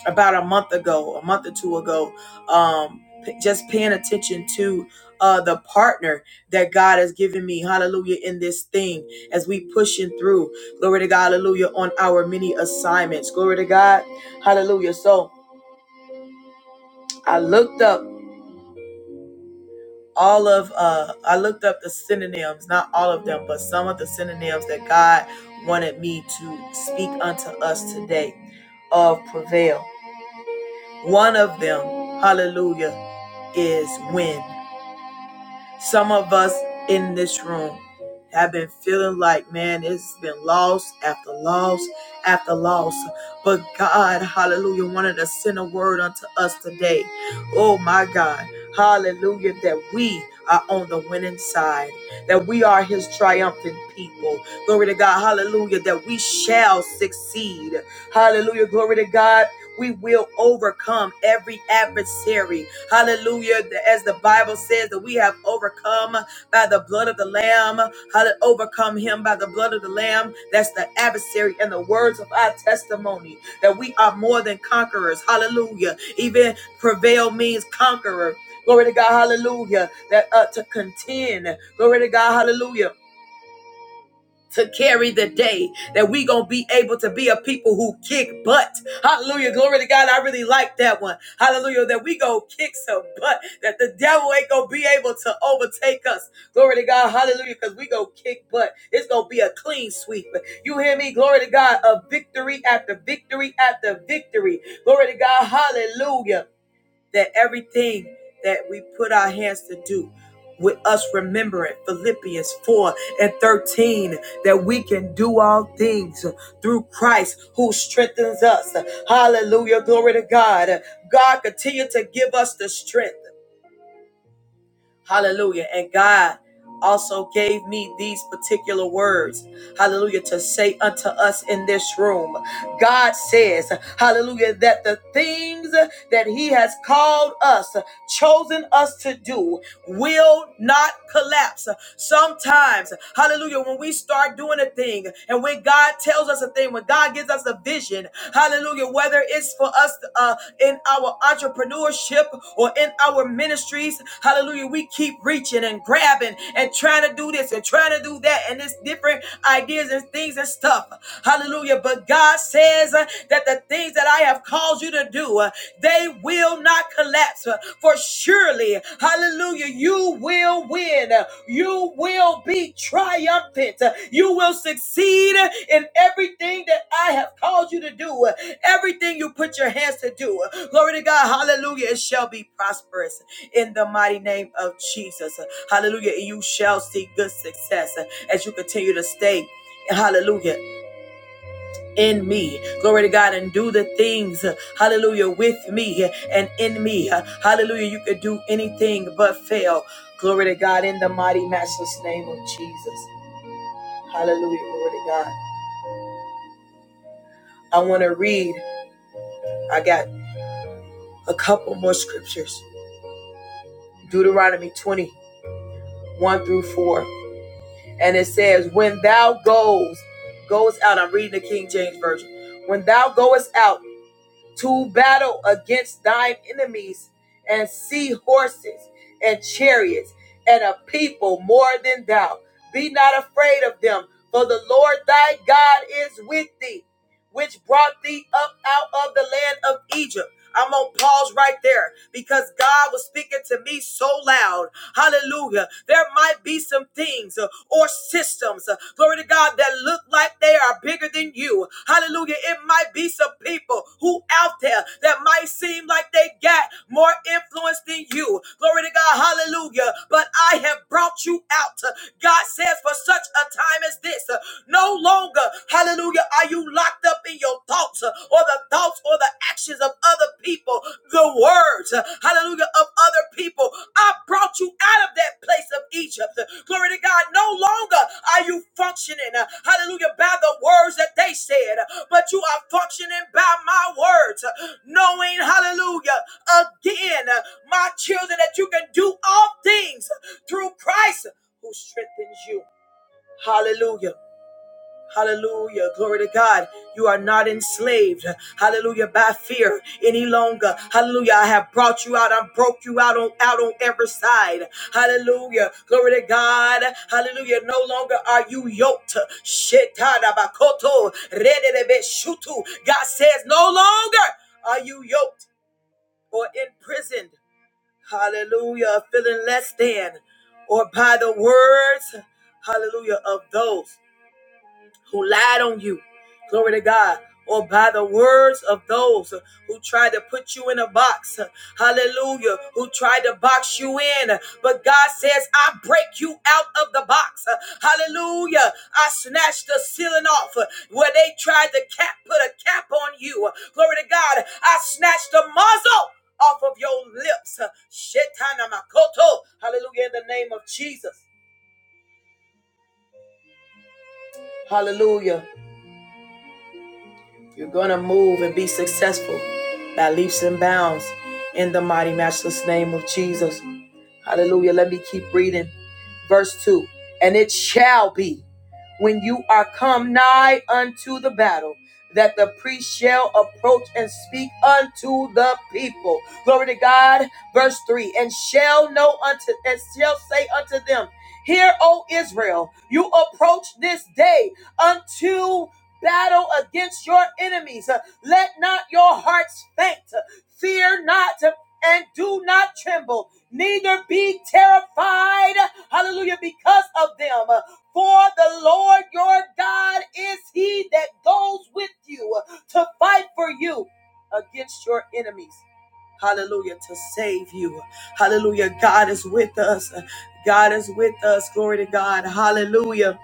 [SPEAKER 1] about a month ago, a month or two ago, um p- just paying attention to uh the partner that God has given me, hallelujah, in this thing as we pushing through, glory to God, hallelujah, on our many assignments, glory to God, hallelujah. So I looked up all of uh I looked up the synonyms, not all of them, but some of the synonyms that God wanted me to speak unto us today of prevail. One of them, hallelujah, is win. Some of us in this room have been feeling like, man, it's been loss after loss after loss. But God, hallelujah, wanted to send a word unto us today. Oh my God, hallelujah, that we are on the winning side, that we are his triumphant people. Glory to God, hallelujah, that we shall succeed. Hallelujah, glory to God we will overcome every adversary. Hallelujah. As the Bible says that we have overcome by the blood of the Lamb. Hallelujah. Overcome him by the blood of the Lamb. That's the adversary and the words of our testimony that we are more than conquerors. Hallelujah. Even prevail means conqueror. Glory to God. Hallelujah. That uh, to contend. Glory to God. Hallelujah to carry the day that we gonna be able to be a people who kick butt. Hallelujah. Glory to God. I really like that one. Hallelujah. That we go kick some butt. That the devil ain't gonna be able to overtake us. Glory to God. Hallelujah. Because we go kick butt. It's gonna be a clean sweep. You hear me? Glory to God. A victory after victory after victory. Glory to God. Hallelujah that everything that we put our hands to do with us remembering Philippians 4 and 13 that we can do all things through Christ who strengthens us. Hallelujah. Glory to God. God continue to give us the strength. Hallelujah. And God also gave me these particular words. Hallelujah. To say unto us in this room. God says, hallelujah, that the things that he has called us chosen us to do will not collapse. Sometimes, hallelujah, when we start doing a thing and when God tells us a thing, when God gives us a vision, hallelujah, whether it's for us uh, in our entrepreneurship or in our ministries, hallelujah, we keep reaching and grabbing and trying to do this and trying to do that and it's different ideas and things and stuff. Hallelujah. But God says uh, that the things that I have have called you to do, uh, they will not collapse. uh, For surely, hallelujah, you will win. uh, You will be triumphant. uh, You will succeed uh, in everything that I have called you to do. uh, Everything you put your hands to do. uh, Glory to God. Hallelujah. It shall be prosperous in the mighty name of Jesus. uh, Hallelujah. You shall see good success uh, as you continue to stay. Hallelujah in me. Glory to God and do the things, hallelujah, with me and in me. Hallelujah, you could do anything but fail. Glory to God in the mighty, matchless name of Jesus. Hallelujah, glory to God. I want to read, I got a couple more scriptures. Deuteronomy 21 through 4. And it says, When thou goes, goes out, I'm reading the King James Version. When thou goest out, to battle against thine enemies and see horses and chariots and a people more than thou. Be not afraid of them, for the Lord thy God is with thee which brought thee up out of the land of Egypt. I'm gonna pause right there because God was speaking to me so loud. Hallelujah. There might be some things uh, or systems, uh, glory to God, that look like they are bigger than you. Hallelujah. It might be some people who out there that might seem like they got more influence than you. Glory to God. Hallelujah. But I have brought you out. God says for such a time as this, uh, no longer, hallelujah, are you locked up in your thoughts uh, or the thoughts or the actions of other people, the words, uh, hallelujah, of other people. I brought you out of that place of Egypt. Glory to God. No longer are you functioning, uh, hallelujah, by the words that they said, uh, but you are functioning by my words, uh, knowing, hallelujah, again, uh, my children, that you can do all things through Christ who strengthens you. Hallelujah. Hallelujah. Glory to God. You are not enslaved. Hallelujah. By fear any longer. Hallelujah. I have brought you out. I broke you out on out on every side. Hallelujah. Glory to God. Hallelujah. No longer are you yoked. Shetadabakoto. Rededebeshutu. God says, no longer are you yoked or imprisoned. Hallelujah. Feeling less than or by the words. Hallelujah. Of those who lied on you. Glory to God. Or by the words of those who tried to put you in a box. Hallelujah. Who tried to box you in. But God says, I break you out of the box. Hallelujah. I snatched the ceiling off where they tried to cap, put a cap on you. Glory to God. I snatched the muzzle off of your lips. Shetana makoto. Hallelujah. In the name of Jesus. Hallelujah. You're going to move and be successful by leaps and bounds in the mighty, matchless name of Jesus. Hallelujah. Let me keep reading. Verse 2 And it shall be when you are come nigh unto the battle that the priest shall approach and speak unto the people. Glory to God. Verse 3 And shall know unto and shall say unto them, Hear, O Israel, you approach this day unto battle against your enemies. Let not your hearts faint. Fear not and do not tremble, neither be terrified, hallelujah, because of them. For the Lord your God is he that goes with you to fight for you against your enemies. Hallelujah, to save you. Hallelujah, God is with us. God is with us. Glory to God. Hallelujah.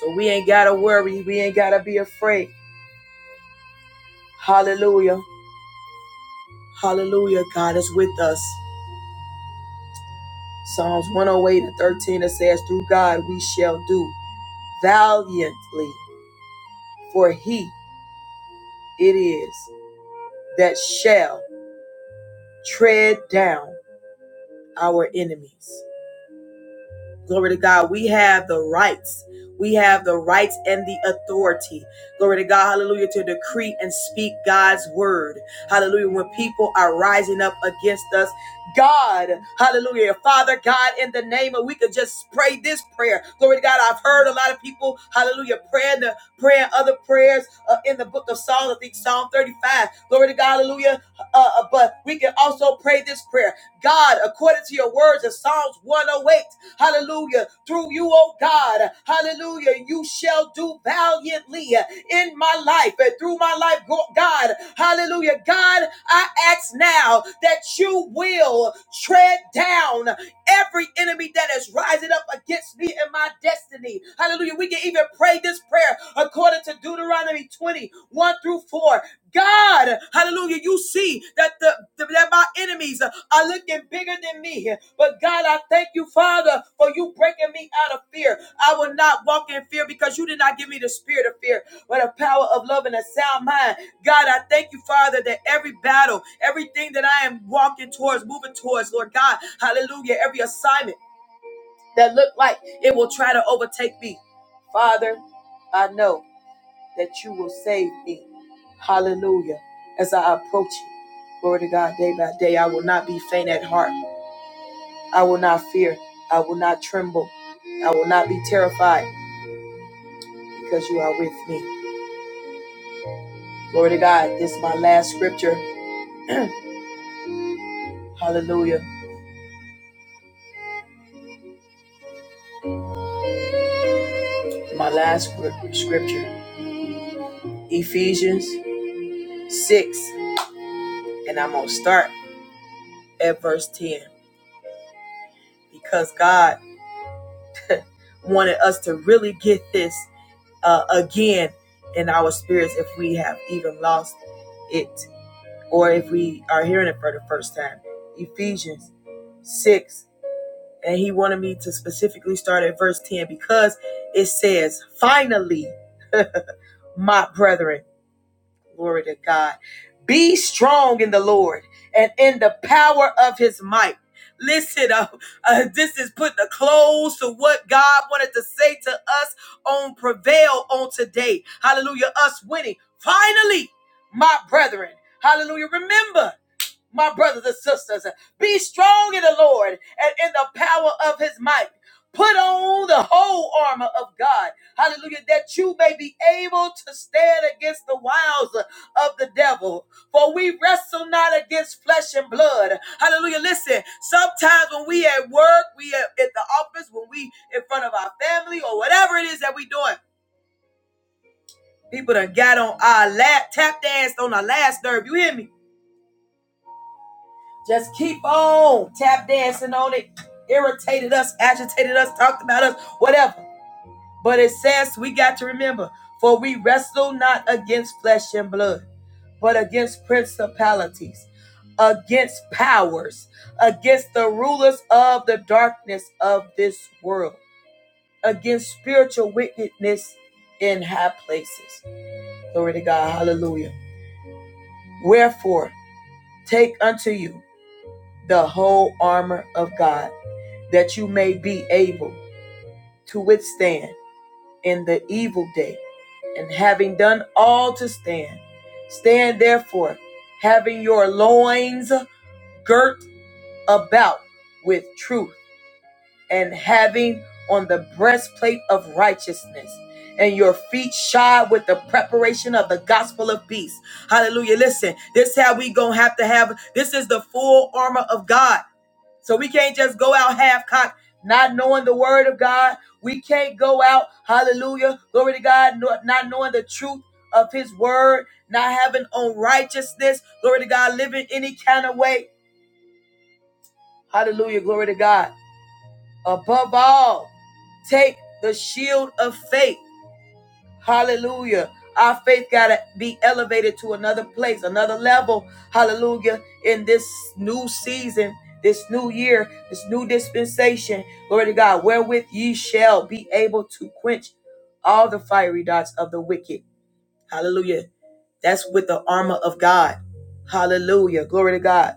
[SPEAKER 1] So we ain't got to worry. We ain't got to be afraid. Hallelujah. Hallelujah. God is with us. Psalms 108 and 13 it says, Through God we shall do valiantly, for he it is that shall tread down our enemies. Glory to God. We have the rights. We have the rights and the authority. Glory to God. Hallelujah. To decree and speak God's word. Hallelujah. When people are rising up against us, God, hallelujah. Father God, in the name of, we could just pray this prayer. Glory to God. I've heard a lot of people, hallelujah, praying. the praying other prayers uh, in the book of Psalms. I think Psalm 35. Glory to God, hallelujah. Uh, uh, but we can also pray this prayer God, according to your words in Psalms 108, hallelujah. Through you, oh God, hallelujah, you shall do valiantly in my life and through my life, God, hallelujah. God, I ask now that you will tread down every enemy that is rising up against me and my destiny. Hallelujah. We can even pray this prayer according to Deuteronomy twenty one through 4. God, hallelujah, you see that the the that my enemies are looking bigger than me. But God, I Thank you, Father, for you breaking me out of fear. I will not walk in fear because you did not give me the spirit of fear, but a power of love and a sound mind. God, I thank you, Father, that every battle, everything that I am walking towards, moving towards, Lord God, hallelujah, every assignment that looked like it will try to overtake me. Father, I know that you will save me. Hallelujah. As I approach you, glory to God, day by day, I will not be faint at heart. I will not fear. I will not tremble. I will not be terrified because you are with me. Glory to God. This is my last scripture. Hallelujah. My last scripture. Ephesians 6. And I'm going to start at verse 10 because God wanted us to really get this uh, again in our spirits if we have even lost it or if we are hearing it for the first time. Ephesians 6 And he wanted me to specifically start at verse 10 because it says, Finally, my brethren, glory to God, be strong in the Lord and in the power of his might. Listen, uh, uh, this is putting a close to what God wanted to say to us on prevail on today. Hallelujah, us winning. Finally, my brethren, hallelujah, remember my brothers and sisters. Be strong in the Lord and in the power of his might. Put on the whole armor of God. Hallelujah. That you may be able to stand against the wiles of the devil. For we wrestle not against flesh and blood. Hallelujah. Listen, sometimes when we at work, we at, at the office, when we in front of our family or whatever it is that we doing, people done got on our lap, tap danced on our last nerve. You hear me? Just keep on tap dancing on it. Irritated us, agitated us, talked about us, whatever. But it says we got to remember, for we wrestle not against flesh and blood, but against principalities, against powers, against the rulers of the darkness of this world, against spiritual wickedness in high places. Glory to God. Hallelujah. Wherefore, take unto you the whole armor of God that you may be able to withstand in the evil day. And having done all to stand, stand therefore, having your loins girt about with truth, and having on the breastplate of righteousness, and your feet shod with the preparation of the gospel of peace. Hallelujah. Listen, this is how we gonna have to have this is the full armor of God. So we can't just go out half cocked, not knowing the word of God. We can't go out, hallelujah, glory to God, not not knowing the truth of his word, not having on righteousness, glory to God, living any kind of way. Hallelujah, glory to God. Above all, take the shield of faith Hallelujah. Our faith got to be elevated to another place, another level. Hallelujah. In this new season, this new year, this new dispensation, glory to God, wherewith ye shall be able to quench all the fiery darts of the wicked. Hallelujah. That's with the armor of God. Hallelujah. Glory to God.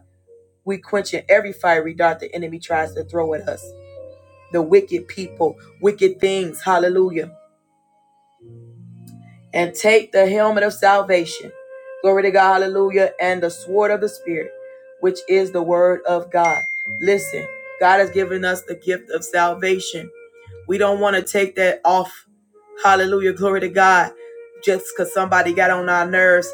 [SPEAKER 1] We quenching every fiery dart the enemy tries to throw at us. The wicked people, wicked things. Hallelujah. and take the helmet of salvation. Glory to God, hallelujah, and the sword of the Spirit, which is the word of God. Listen, God has given us the gift of salvation. We don't want to take that off. Hallelujah, glory to God, just because somebody got on our nerves.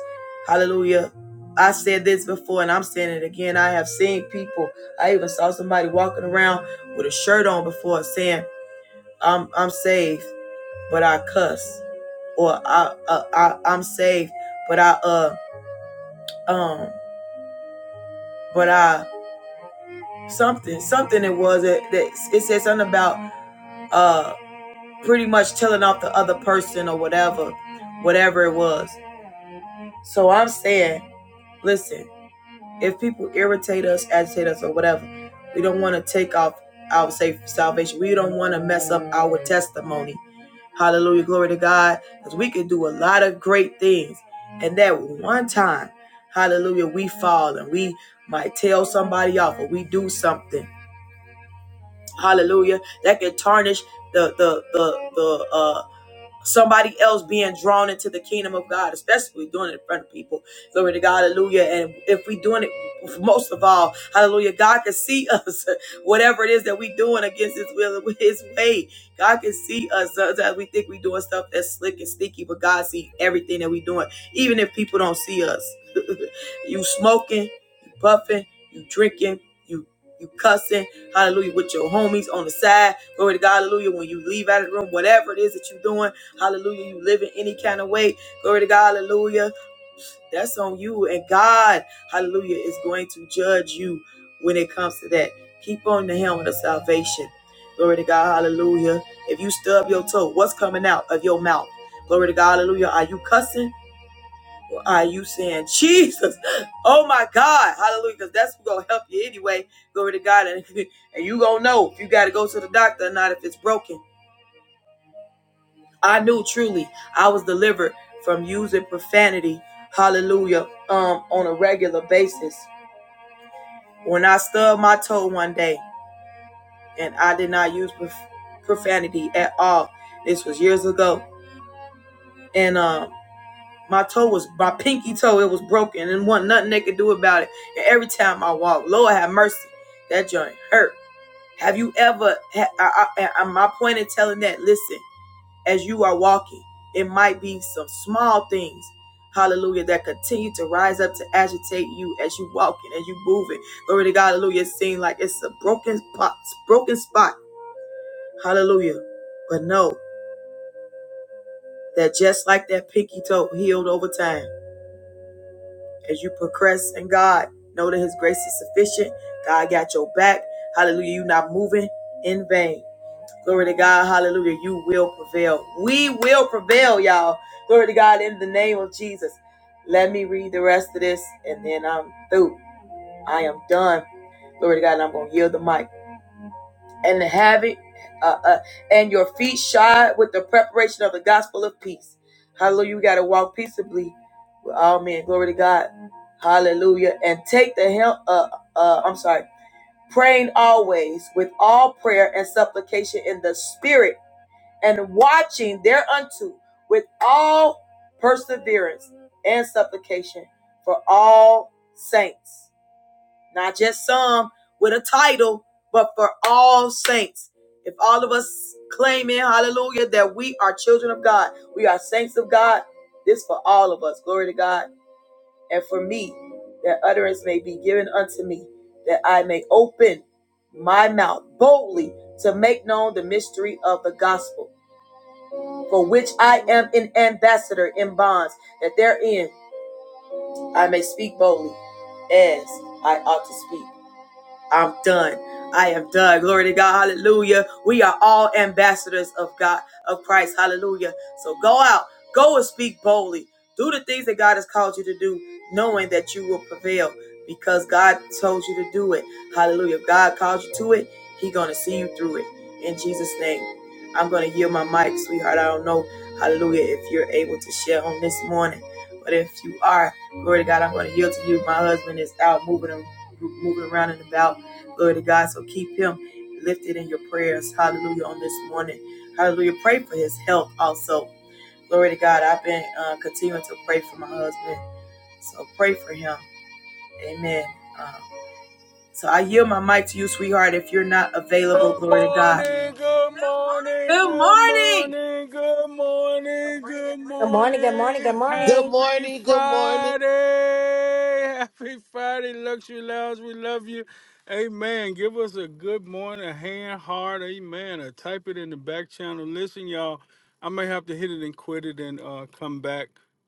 [SPEAKER 1] Hallelujah. I said this before and I'm saying it again. I have seen people, I even saw somebody walking around with a shirt on before saying, I'm, I'm saved but I cuss, or I, uh, I I'm saved, but I uh um but I something something it was it that it it said something about uh pretty much telling off the other person or whatever whatever it was. So I'm saying, listen, If people irritate us, agitate us, or whatever, we don't want to take off our safe salvation. We don't want to mess up our testimony. Hallelujah, glory to God. Because we can do a lot of great things. And that one time, hallelujah, we fall and we might tell somebody off or we do something. Hallelujah. That can tarnish the the the the uh somebody else being drawn into the kingdom of God, especially doing it in front of people. Glory to God, hallelujah. And if we're doing it, most of all, hallelujah, God can see us, whatever it is that we're doing against His will and with His way. God can see us. Sometimes we think we're doing stuff that's slick and sneaky, but God see everything that we're doing, even if people don't see us. you smoking, you puffing, you drinking, you you cussing, hallelujah, with your homies on the side. Glory to God, hallelujah. When you leave out of the room, whatever it is that you're doing, Hallelujah. You live in any kind of way. Glory to God. Hallelujah. That's on you. And God, hallelujah, is going to judge you when it comes to that. Keep on the helmet of salvation. Glory to God. Hallelujah. If you stub your toe, what's coming out of your mouth? Glory to God. Hallelujah. Are you cussing? Or are you saying, Jesus, oh my God, hallelujah, because that's going to help you anyway. Glory to God. And, and you going to know if you got to go to the doctor or not, if it's broken. I knew truly I was delivered from using profanity, hallelujah, um, on a regular basis. When I stubbed my toe one day and I did not use prof- profanity at all, this was years ago, and um, my toe was my pinky toe, it was broken and wasn't nothing they could do about it. And every time I walked, Lord have mercy, that joint hurt. Have you ever? Ha- I, I, I, my point in telling that, listen. as you are walking. It might be some small things, hallelujah, that continue to rise up to agitate you as you walking, as you moving. Glory to God, hallelujah. It seems like it's a broken spot, broken spot, hallelujah. But know that just like that pinky toe healed over time, as you progress in God, know that His grace is sufficient. God got your back, hallelujah. You're not moving in vain. Glory to God. Hallelujah. You will prevail. We will prevail, y'all. Glory to God in the name of Jesus. Let me read the rest of this and then I'm through. I am done. Glory to God. And I'm going to yield the mic. And have it, uh, uh, and your feet shod with the preparation of the gospel of peace. Hallelujah. We got to walk peaceably with all men. Glory to God. Hallelujah. And take the helm, uh, uh, I'm sorry, praying always with all prayer and supplication in the spirit and watching thereunto with all perseverance and supplication for all saints. Not just some with a title, but for all saints. If all of us claiming, hallelujah, that we are children of God, we are saints of God, this for all of us. Glory to God. And for me, that utterance may be given unto me, that I may open my mouth boldly to make known the mystery of the gospel for which I am an ambassador in bonds, that therein I may speak boldly as I ought to speak. I've done. I have done. Glory to God. Hallelujah. We are all ambassadors of God, of Christ. Hallelujah. So go out. Go and speak boldly. Do the things that God has called you to do, knowing that you will prevail because God told you to do it. Hallelujah. If God called you to it, He's going to see you through it. In Jesus' name. I'm going to yield my mic, sweetheart. I don't know, hallelujah, if you're able to share on this morning. But if you are, glory to God, I'm going to yield to you. My husband is out moving, moving around and about. Glory to God. So keep him lifted in your prayers. Hallelujah. On this morning. Hallelujah. Pray for his health also. Glory to God. I've been uh, continuing to pray for my husband. So pray for him. Amen. Um, so I yield my mic to you, sweetheart, if you're not available.
[SPEAKER 4] Good
[SPEAKER 1] Glory to God.
[SPEAKER 4] morning, good morning,
[SPEAKER 1] Good
[SPEAKER 4] good
[SPEAKER 1] morning.
[SPEAKER 4] morning, good morning, good
[SPEAKER 5] Good morning, good morning, good
[SPEAKER 4] morning.
[SPEAKER 3] Good
[SPEAKER 5] morning.
[SPEAKER 4] Happy
[SPEAKER 3] morning, good morning.
[SPEAKER 4] Friday. Happy Friday, Luxury Lounge. We love you. Amen. Give us a good morning, a hand, heart, amen. Or type it in the back channel. Listen, y'all, I may have to hit it and quit it and uh, come back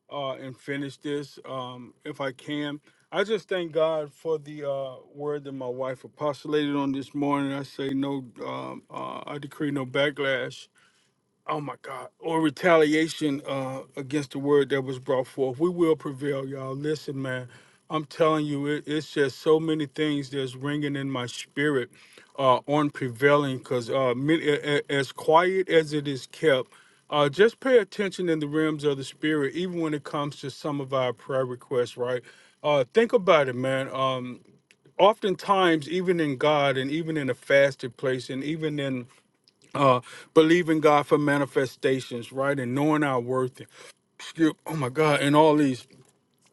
[SPEAKER 4] uh, and finish this um, if I can. I just thank God for the uh, word that my wife apostolated on this morning. I say no, um, uh, I decree no backlash Oh my God. Or retaliation uh, against the word that was brought forth. We will prevail, y'all. Listen, man, I'm telling you, it, it's just so many things that's ringing in my spirit uh, on prevailing because uh, mi- a- a- as quiet as it is kept, uh, just pay attention in the realms of the spirit, even when it comes to some of our prayer requests, right? Uh, think about it, man. Um, oftentimes, even in God and even in a fasted place and even in uh believing God for manifestations, right? And knowing our worth. Excuse- Oh my God, and all these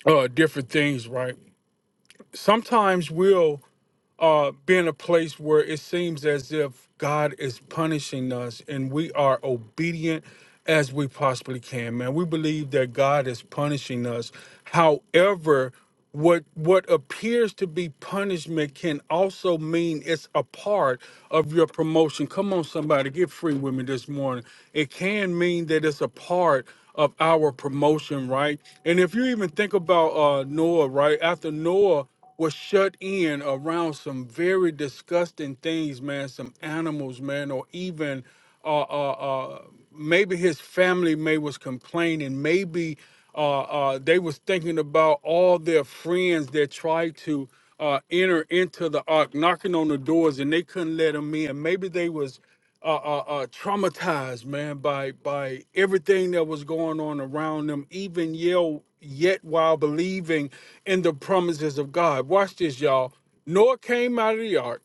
[SPEAKER 4] uh different things, right? Sometimes we'll uh, being a place where it seems as if God is punishing us and we are obedient as we possibly can, man. We believe that God is punishing us. However, what what appears to be punishment can also mean it's a part of your promotion. Come on, somebody, get free with me this morning. It can mean that it's a part of our promotion, right? And if you even think about uh, Noah, right? After Noah was shut in around some very disgusting things, man. Some animals, man, or even uh, uh, uh, maybe his family may was complaining. Maybe uh, uh, they was thinking about all their friends that tried to uh, enter into the ark, knocking on the doors, and they couldn't let them in. Maybe they was uh, uh, uh, traumatized, man, by by everything that was going on around them, even yell, yet while believing in the promises of God. Watch this, y'all. Noah came out of the ark.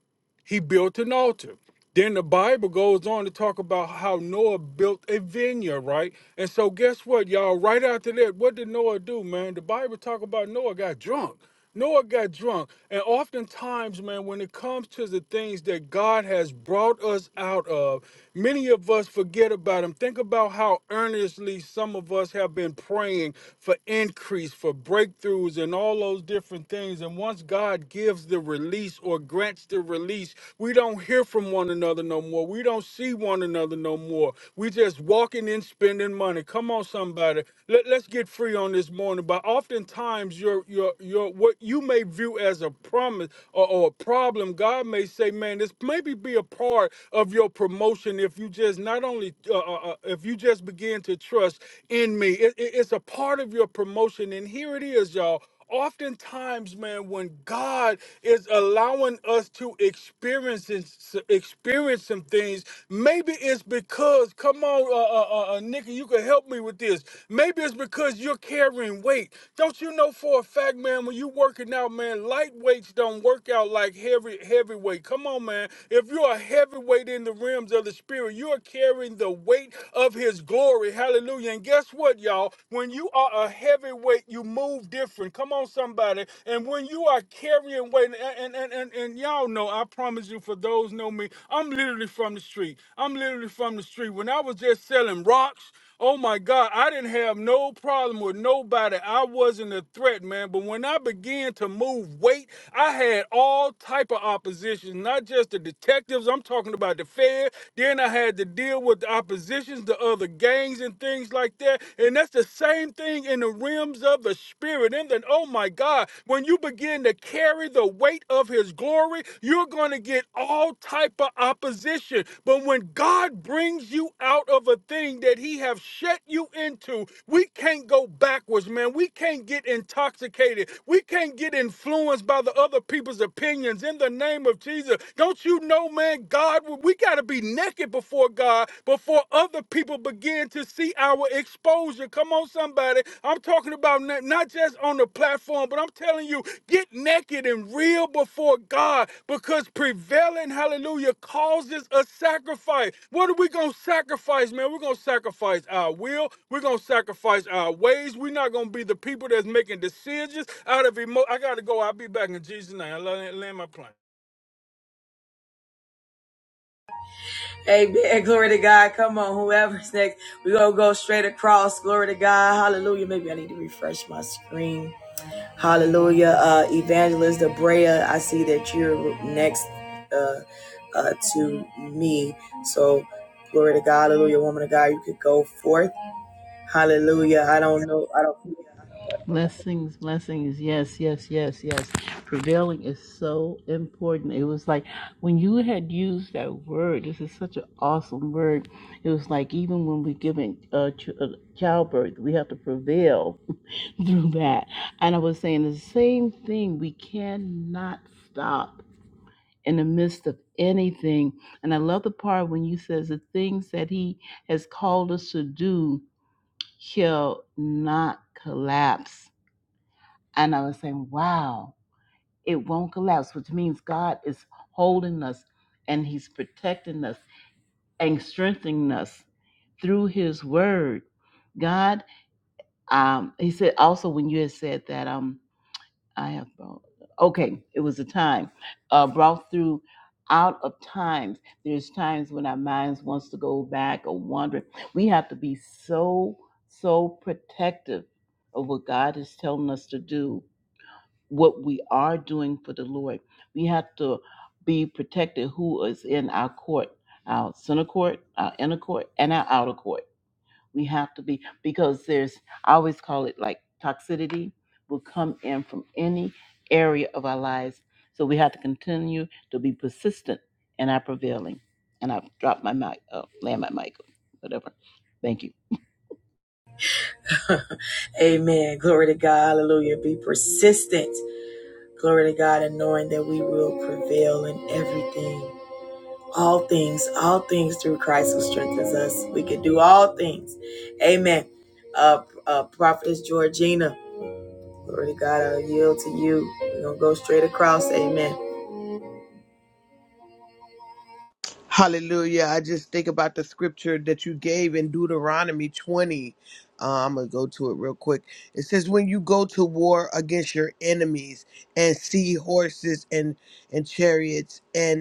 [SPEAKER 4] He built an altar. Then the Bible goes on to talk about how Noah built a vineyard, right? And so guess what, y'all? Right after that, what did Noah do, man? The Bible talk about Noah got drunk. Noah got drunk. And oftentimes, man, when it comes to the things that God has brought us out of, many of us forget about them. Think about how earnestly some of us have been praying for increase, for breakthroughs, and all those different things. And once God God gives the release or grants the release, we don't hear from one another no more. We don't see one another no more. We just walking in spending money. Come on, somebody. Let, let's get free on this morning. But oftentimes your your your what you may view as a promise or, or a problem, God may say, man, this maybe be a part of your promotion if you just not only uh, uh, uh, if you just begin to trust in me. It- it- it's a part of your promotion. And here it is, y'all oftentimes man when god is allowing us to experience this- experience some things maybe it's because come on uh, uh, uh uh, nikki you can help me with this maybe it's because you're carrying weight don't you know for a fact man when you working out man light weights don't work out like heavy heavyweight come on man if you're a heavyweight in the realms of the spirit you're carrying the weight of his glory hallelujah and guess what y'all when you are a heavyweight, you move different. Come on, somebody. And when you are carrying weight, and and and, and y'all know, I promise you, for those know me, I'm literally from the street. I'm literally from the street. When I was just selling rocks, oh my God, I didn't have no problem with nobody. I wasn't a threat, man. But when I began to move weight, I had all type of opposition, not just the detectives. I'm talking about the Fed. Then I had to deal with the opposition factions, the other gangs, and things like that. And that's the same thing in the realms of the spirit. And then, oh my God, when you begin to carry the weight of His glory, you're going to get all type of opposition. But when God brings you out of a thing that He have set you into, we can't go backwards, man. We can't get intoxicated. We can't get influenced by the other people's opinions. In the name of Jesus, don't you know, man? God will we got to be naked before God before other people begin to see our exposure. Come on, somebody. I'm talking about not, just on the platform, but I'm telling you, get naked and real before God because prevailing, hallelujah, causes a sacrifice. What are we going to sacrifice, man? We're going to sacrifice our will. We're going to sacrifice our ways. We're not going to be the people that's making decisions out of emotion. I got to go. I'll be back in Jesus' name. I land my plane.
[SPEAKER 1] Amen. Glory to God. Come on, whoever's next. We're going to go straight across. Glory to God. Hallelujah. Maybe I need to refresh my screen. Hallelujah. Uh, Evangelist Abrea, I see that you're next uh, uh, to me. So, glory to God. Hallelujah. Woman of God, you could go forth. Hallelujah. I don't know. I don't.
[SPEAKER 2] Blessings, blessings. Yes, yes, yes, yes. Prevailing is so important. It was like when you had used that word, this is such an awesome word. It was like even when we're giving uh, ch- uh, childbirth, we have to prevail through that. And I was saying the same thing. We cannot stop in the midst of anything. And I love the part when you says the things that he has called us to do shall not collapse and I was saying, wow, it won't collapse, which means God is holding us and He's protecting us and strengthening us through His word. God, um, He said also when you had said that, um, I have, brought- okay, it was a time, uh, brought through out of times. There's times when our minds wants to go back or wander. We have to be so, so protective of what God is telling us to do what we are doing for the Lord. We have to be protected who is in our court, our center court, our inner court, and our outer court. We have to be because there's I always call it like toxicity will come in from any area of our lives. So we have to continue to be persistent in our prevailing. And I've dropped my mic, uh, land my mic, whatever. Thank you.
[SPEAKER 1] Amen. Glory to God. Hallelujah. Be persistent. Glory to God and knowing that we will prevail in everything. All things, all things through Christ who strengthens us. We can do all things. Amen. Uh, uh, Prophetess Georgina. Glory to God, i yield to you. We're going to go straight across. Amen.
[SPEAKER 3] Hallelujah. I just think about the scripture that you gave in Deuteronomy 20. Uh, I'm going to go to it real quick. It says, When you go to war against your enemies and see horses and, and chariots and."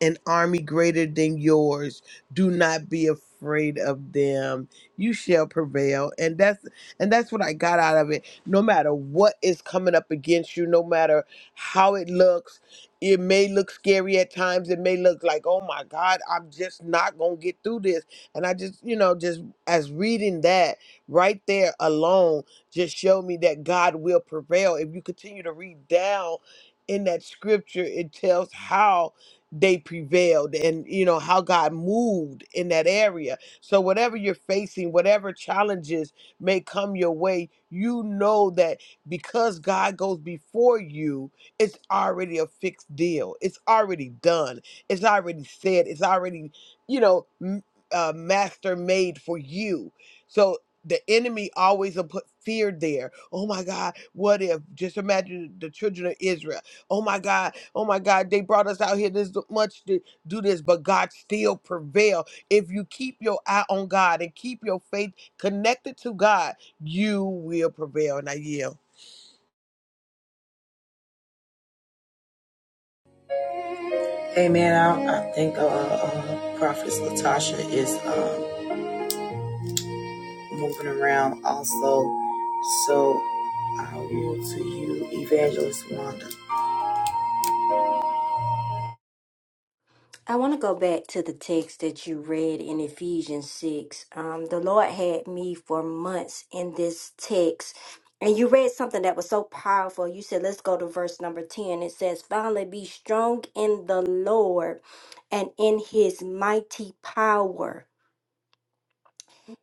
[SPEAKER 3] an army greater than yours. Do not be afraid of them. You shall prevail. And that's and that's what I got out of it. No matter what is coming up against you, no matter how it looks, it may look scary at times. It may look like, oh my God, I'm just not gonna get through this. And I just, you know, just as reading that right there alone just showed me that God will prevail. If you continue to read down in that scripture, it tells how they prevailed and you know how God moved in that area. So whatever you're facing, whatever challenges may come your way, you know that because God goes before you, it's already a fixed deal. It's already done. It's already said. It's already, you know, m- uh, master made for you. So the enemy always will put fear there. Oh my God, what if? Just imagine the children of Israel. Oh my God. Oh my God. They brought us out here this much to do this, but God still prevail. If you keep your eye on God and keep your faith connected to God, you will prevail. And I yield.
[SPEAKER 1] Amen. I, I think uh, uh, Prophetess Latasha is um, moving around also. So i yield to you, Evangelist Wanda.
[SPEAKER 5] I want to go back to the text that you read in Ephesians 6. Um, the Lord had me for months in this text. And you read something that was so powerful. You said, let's go to verse number 10. It says, Finally, be strong in the Lord and in his mighty power.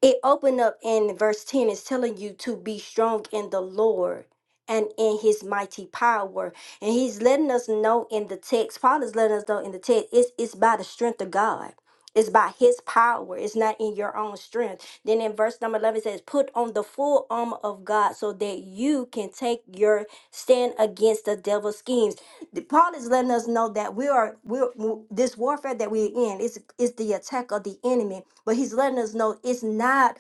[SPEAKER 5] It opened up in verse 10 is telling you to be strong in the Lord and in his mighty power. And he's letting us know in the text, Paul is letting us know in the text, it's, it's by the strength of God. It's by his power. It's not in your own strength. Then in verse number 11 it says, Put on the full armor of God so that you can take your stand against the devil's schemes. The- Paul is letting us know that we are we're, w- this warfare that we're in is is the attack of the enemy, but he's letting us know it's not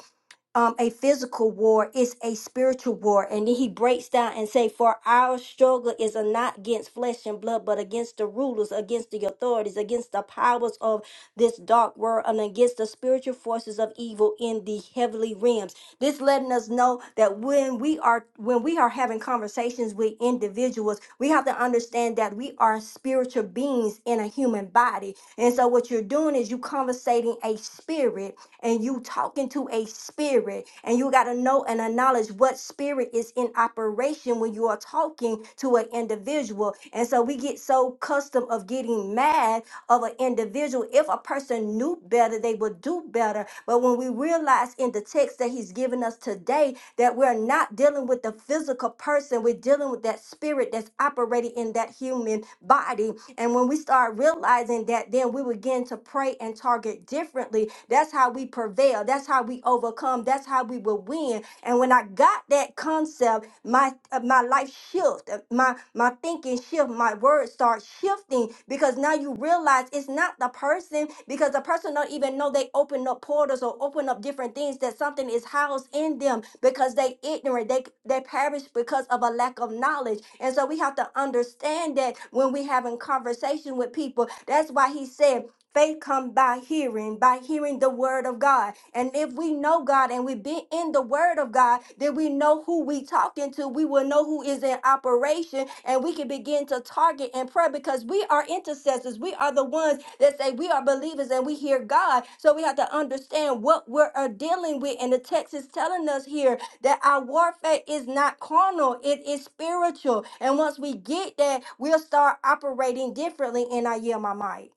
[SPEAKER 5] um a physical war it's a spiritual war and then he breaks down and say for our struggle is not against flesh and blood but against the rulers against the authorities against the powers of this dark world and against the spiritual forces of evil in the heavenly realms this letting us know that when we are when we are having conversations with individuals we have to understand that we are spiritual beings in a human body and so what you're doing is you conversating a spirit and you talking to a spirit and you got to know and acknowledge what spirit is in operation when you are talking to an individual and so we get so custom of getting mad of an individual. If a person knew better, they would do better. But when we realize in the text that he's given us today that we're not dealing with the physical person, we're dealing with that spirit that's operating in that human body. And when we start realizing that, then we begin to pray and target differently. That's how we prevail. That's how we overcome. That's how we will win. And when I got that that concept, my uh, my life shift, uh, my my thinking shift, my words start shifting because now you realize it's not the person because the person don't even know they open up portals or open up different things that something is housed in them because they ignorant, they they perish because of a lack of knowledge. And so we have to understand that when we having conversation with people, that's why he said Faith come by hearing, by hearing the word of God. And if we know God and we've been in the word of God, then we know who we talking to. We will know who is in operation and we can begin to target in prayer because we are intercessors. We are the ones that say we are believers and we hear God. So we have to understand what we're uh, dealing with. And the text is telling us here that our warfare is not carnal, it is spiritual. And once we get that, we'll start operating differently. And I yield my mic.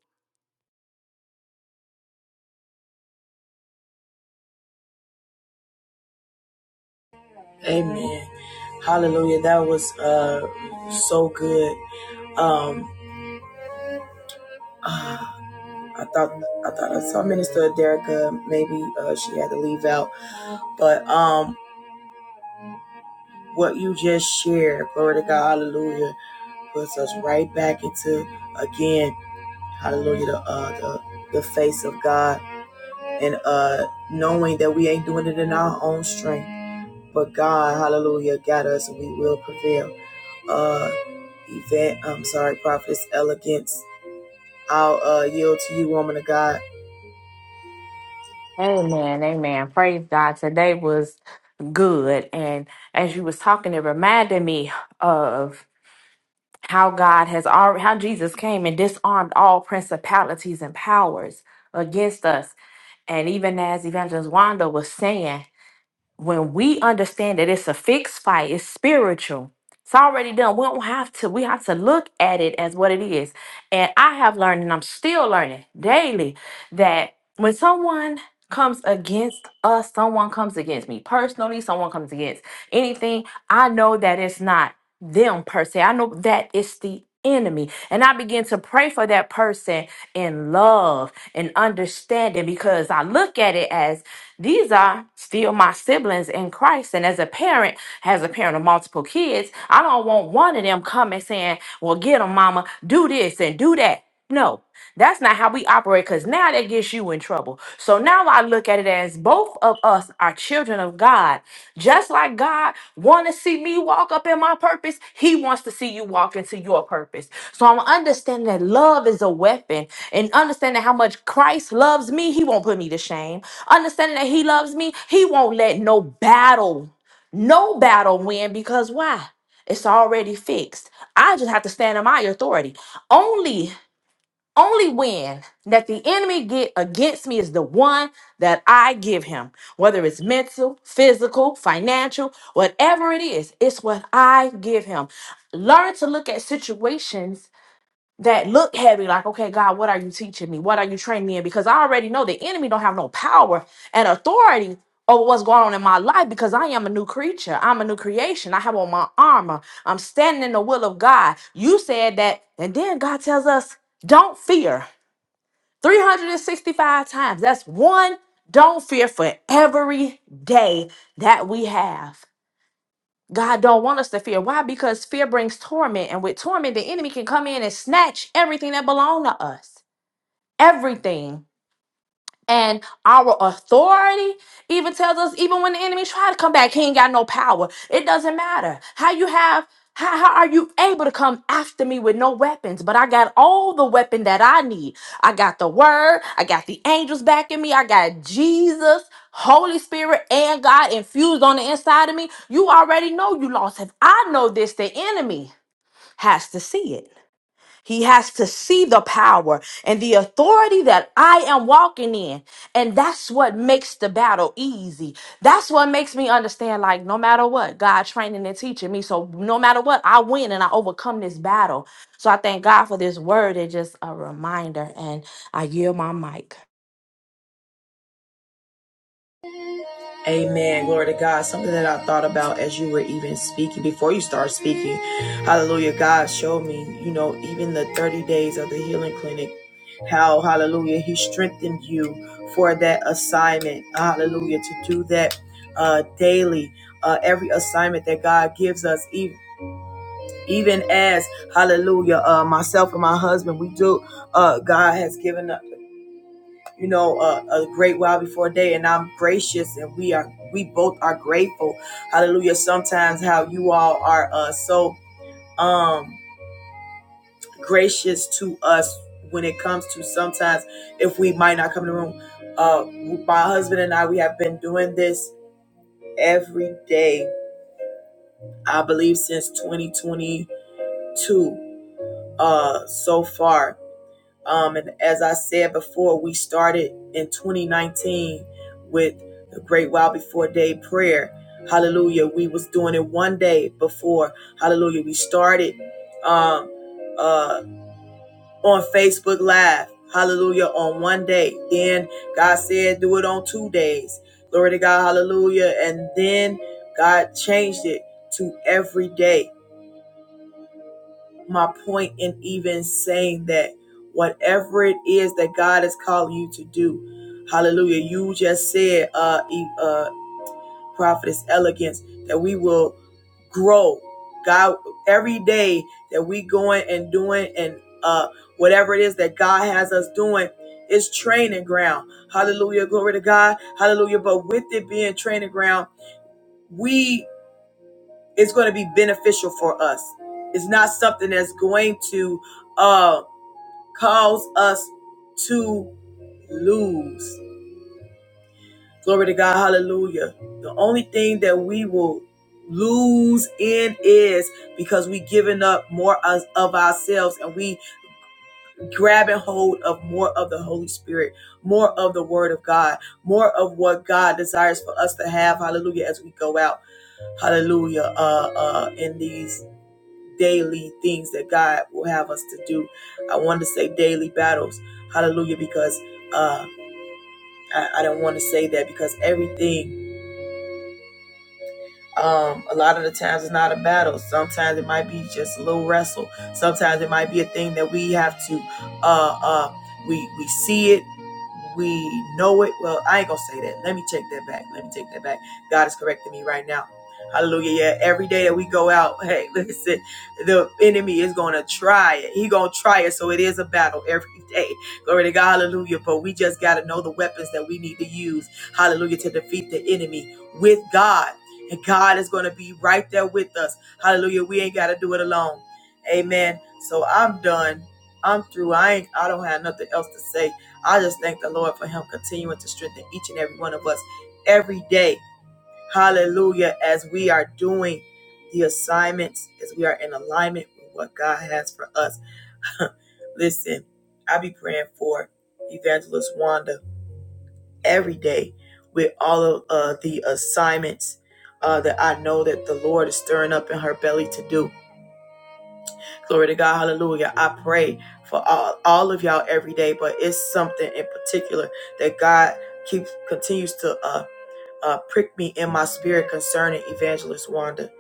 [SPEAKER 1] Amen. Hallelujah. That was uh so good. Um ah, I thought I thought I saw Minister Derrica, maybe uh she had to leave out. But um what you just shared, glory to God, hallelujah, puts us right back into again, hallelujah, the uh the, the face of God and uh knowing that we ain't doing it in our own strength. But God, hallelujah, got us and we will prevail. Uh event, I'm sorry, Prophetess Elegance I'll uh, yield to you, woman of God.
[SPEAKER 6] Amen, amen. Praise God. Today was good, and as you was talking, it reminded me of how God has already, how Jesus came and disarmed all principalities and powers against us. And even as Evangelist Wanda was saying, when we understand that it's a fixed fight, it's spiritual. It's already done. We don't have to. We have to look at it as what it is. And I have learned, and I'm still learning daily, that when someone comes against us, someone comes against me personally, someone comes against anything, I know that it's not them per se. I know that it's the enemy. And I begin to pray for that person in love and understanding because I look at it as these are still my siblings in Christ. And as a parent, as a parent of multiple kids, I don't want one of them coming saying, Well, get them, mama, do this and do that. No, that's not how we operate because now that gets you in trouble. So now I look at it as as both of us are children of God, just like God want to see me walk up in my purpose, he wants to see you walk into your purpose. So I'm understanding that love is a weapon and understanding how much Christ loves me, he won't put me to shame. Understanding that he loves me, he won't let no battle, no battle win because why? It's already fixed. I just have to stand in my authority. Only only win that the enemy get against me is the one that I give him, whether it's mental, physical, financial, whatever it is, it's what I give him. Learn to look at situations that look heavy, like, okay, God, what are you teaching me? What are you training me in? Because I already know the enemy don't have no power and authority over what's going on in my life because I am a new creature. I'm a new creation. I have on my armor. I'm standing in the will of God. You said that, and then God tells us, don't fear. 365 times. That's one. Don't fear for every day that we have. God don't want us to fear. Why? Because fear brings torment, and with torment, the enemy can come in and snatch everything that belong to us. Everything. And our authority even tells us, even when the enemy try to come back, he ain't got no power. It doesn't matter how you have. How, how are you able to come after me with no weapons? But I got all the weapon that I need. I got the word. I got the angels backing me. I got Jesus, Holy Spirit, and God infused on the inside of me. You already know you lost. If I know this, the enemy has to see it. He has to see the power and the authority that I am walking in. And that's what makes the battle easy. That's what makes me understand like, no matter what, God training and teaching me. So, no matter what, I win and I overcome this battle. So, I thank God for this word. It's just a reminder. And I yield my mic.
[SPEAKER 1] Amen. Glory to God. Something that I thought about as you were even speaking, before you start speaking. Hallelujah. God showed me, you know, even the 30 days of the healing clinic, how, hallelujah, He strengthened you for that assignment. Hallelujah. To do that uh, daily, uh, every assignment that God gives us, even. Even as, hallelujah, uh, myself and my husband, we do, uh, God has given us. you know, a, a great while before day, and I'm gracious, and we are, we both are grateful. Hallelujah. Sometimes how you all are uh, so um gracious to us when it comes to sometimes if we might not come to the room. Uh, my husband and I, we have been doing this every day, I believe, since 2022 uh so far Um, and as I said before, we started in 2019 with the Great While Before Day prayer. Hallelujah. We was doing it one day before. Hallelujah. We started um, uh, on Facebook Live. Hallelujah. On one day. Then God said, do it on two days. Glory to God. Hallelujah. And then God changed it to every day my point in even saying that whatever it is that God is calling you to do, hallelujah. You just said, uh, e- uh, prophetess elegance, that we will grow. God, every day that we going and doing and uh, whatever it is that God has us doing is training ground. Hallelujah, glory to God. Hallelujah. But with it being training ground, we it's going to be beneficial for us. It's not something that's going to. uh, cause us to lose. Glory to God. Hallelujah. The only thing that we will lose in is because we giving up more of ourselves and we grabbing hold of more of the Holy Spirit, more of the Word of God, more of what God desires for us to have. Hallelujah. As we go out hallelujah uh uh in these daily things that God will have us to do. I wanted to say daily battles. Hallelujah, because uh, I, I don't want to say that because everything um, a lot of the times it's not a battle. Sometimes it might be just a little wrestle. Sometimes it might be a thing that we have to, uh, uh, we we see it, we know it. Well, I ain't gonna say that. Let me take that back. Let me take that back. God is correcting me right now. Hallelujah. Yeah, every day that we go out, hey, listen, the enemy is gonna try it. He gonna try it. So it is a battle every day. Glory to God, hallelujah. But we just gotta know the weapons that we need to use, hallelujah, to defeat the enemy with God. And God is going to be right there with us. Hallelujah. We ain't got to do it alone. Amen. So I'm done. I'm through. I ain't, I don't have nothing else to say. I just thank the Lord for him continuing to strengthen each and every one of us every day. Hallelujah. As we are doing the assignments, as we are in alignment with what God has for us. Listen, I be praying for Evangelist Wanda every day with all of uh, the assignments uh, that I know that the Lord is stirring up in her belly to do. Glory to God, hallelujah. I pray for all, all of y'all every day, but it's something in particular that God keeps continues to uh, uh, prick me in my spirit concerning Evangelist Wanda.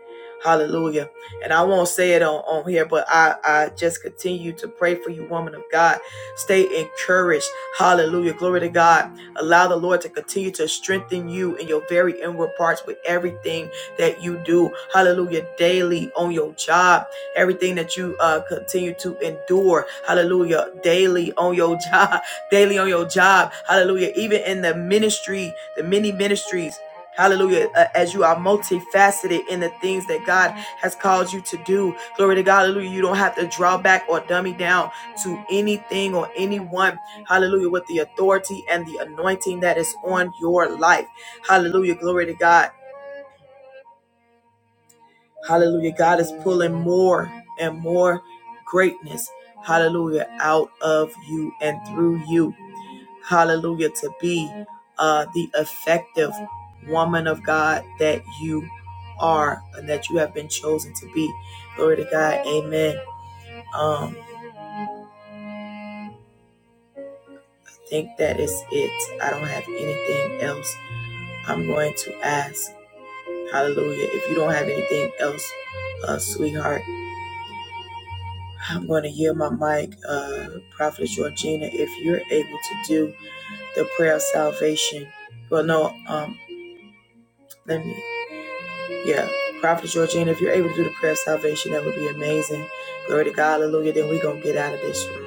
[SPEAKER 1] Hallelujah. And I won't say it on, on here, but I, I just continue to pray for you, woman of God. Stay encouraged. Hallelujah. Glory to God. Allow the Lord to continue to strengthen you in your very inward parts with everything that you do. Hallelujah. Daily on your job, everything that you uh, continue to endure. Hallelujah. Daily on your job daily on your job. Hallelujah. Even in the ministry, the many ministries. Hallelujah. Uh, as you are multifaceted in the things that God has called you to do. Glory to God. Hallelujah. You don't have to draw back or dummy down to anything or anyone. Hallelujah. With the authority and the anointing that is on your life. Hallelujah. Glory to God. Hallelujah. God is pulling more and more greatness. Hallelujah. Out of you and through you hallelujah, to be uh, the effective woman of God that you are and that you have been chosen to be. Glory to God. Amen. Um, I think that is it. I don't have anything else. I'm going to ask, hallelujah, if you don't have anything else, uh, sweetheart, I'm going to yield my mic, uh, Prophetess Georgina, if you're able to do the prayer of salvation. Well, no, um, let me. Yeah, Prophet Georgina, if you're able to do the prayer of salvation, that would be amazing. Glory to God, hallelujah. Then we're going to get out of this room.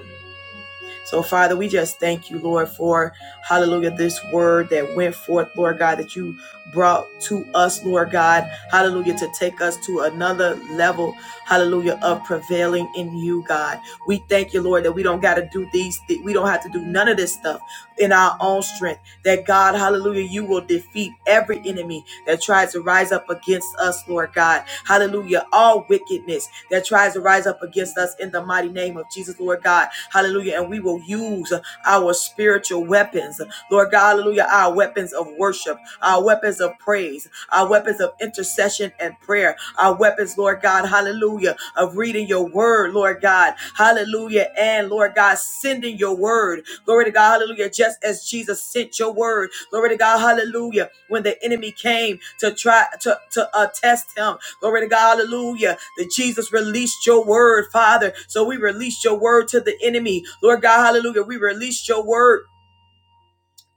[SPEAKER 1] So, Father, we just thank you, Lord, for hallelujah, this word that went forth, Lord God, that you brought to us, Lord God, hallelujah, to take us to another level, hallelujah, of prevailing in you, God. We thank you, Lord, that we don't got to do these, thi- we don't have to do none of this stuff in our own strength, that God, hallelujah, you will defeat every enemy that tries to rise up against us, Lord God. Hallelujah. All wickedness that tries to rise up against us in the mighty name of Jesus, Lord God. Hallelujah. And we will use our spiritual weapons, Lord God. Hallelujah. Our weapons of worship, our weapons of praise, our weapons of intercession and prayer, our weapons, Lord God. Hallelujah. Of reading your sending your word, Lord God. Hallelujah. And Lord God, sending your word. Glory to God. Hallelujah. Just as Jesus sent your word. Glory to God. Hallelujah. When the enemy came to try to, to uh, test him. Glory to God. Hallelujah. That Jesus released your word, Father. So we released your word to the enemy. Lord God. Hallelujah. We released your word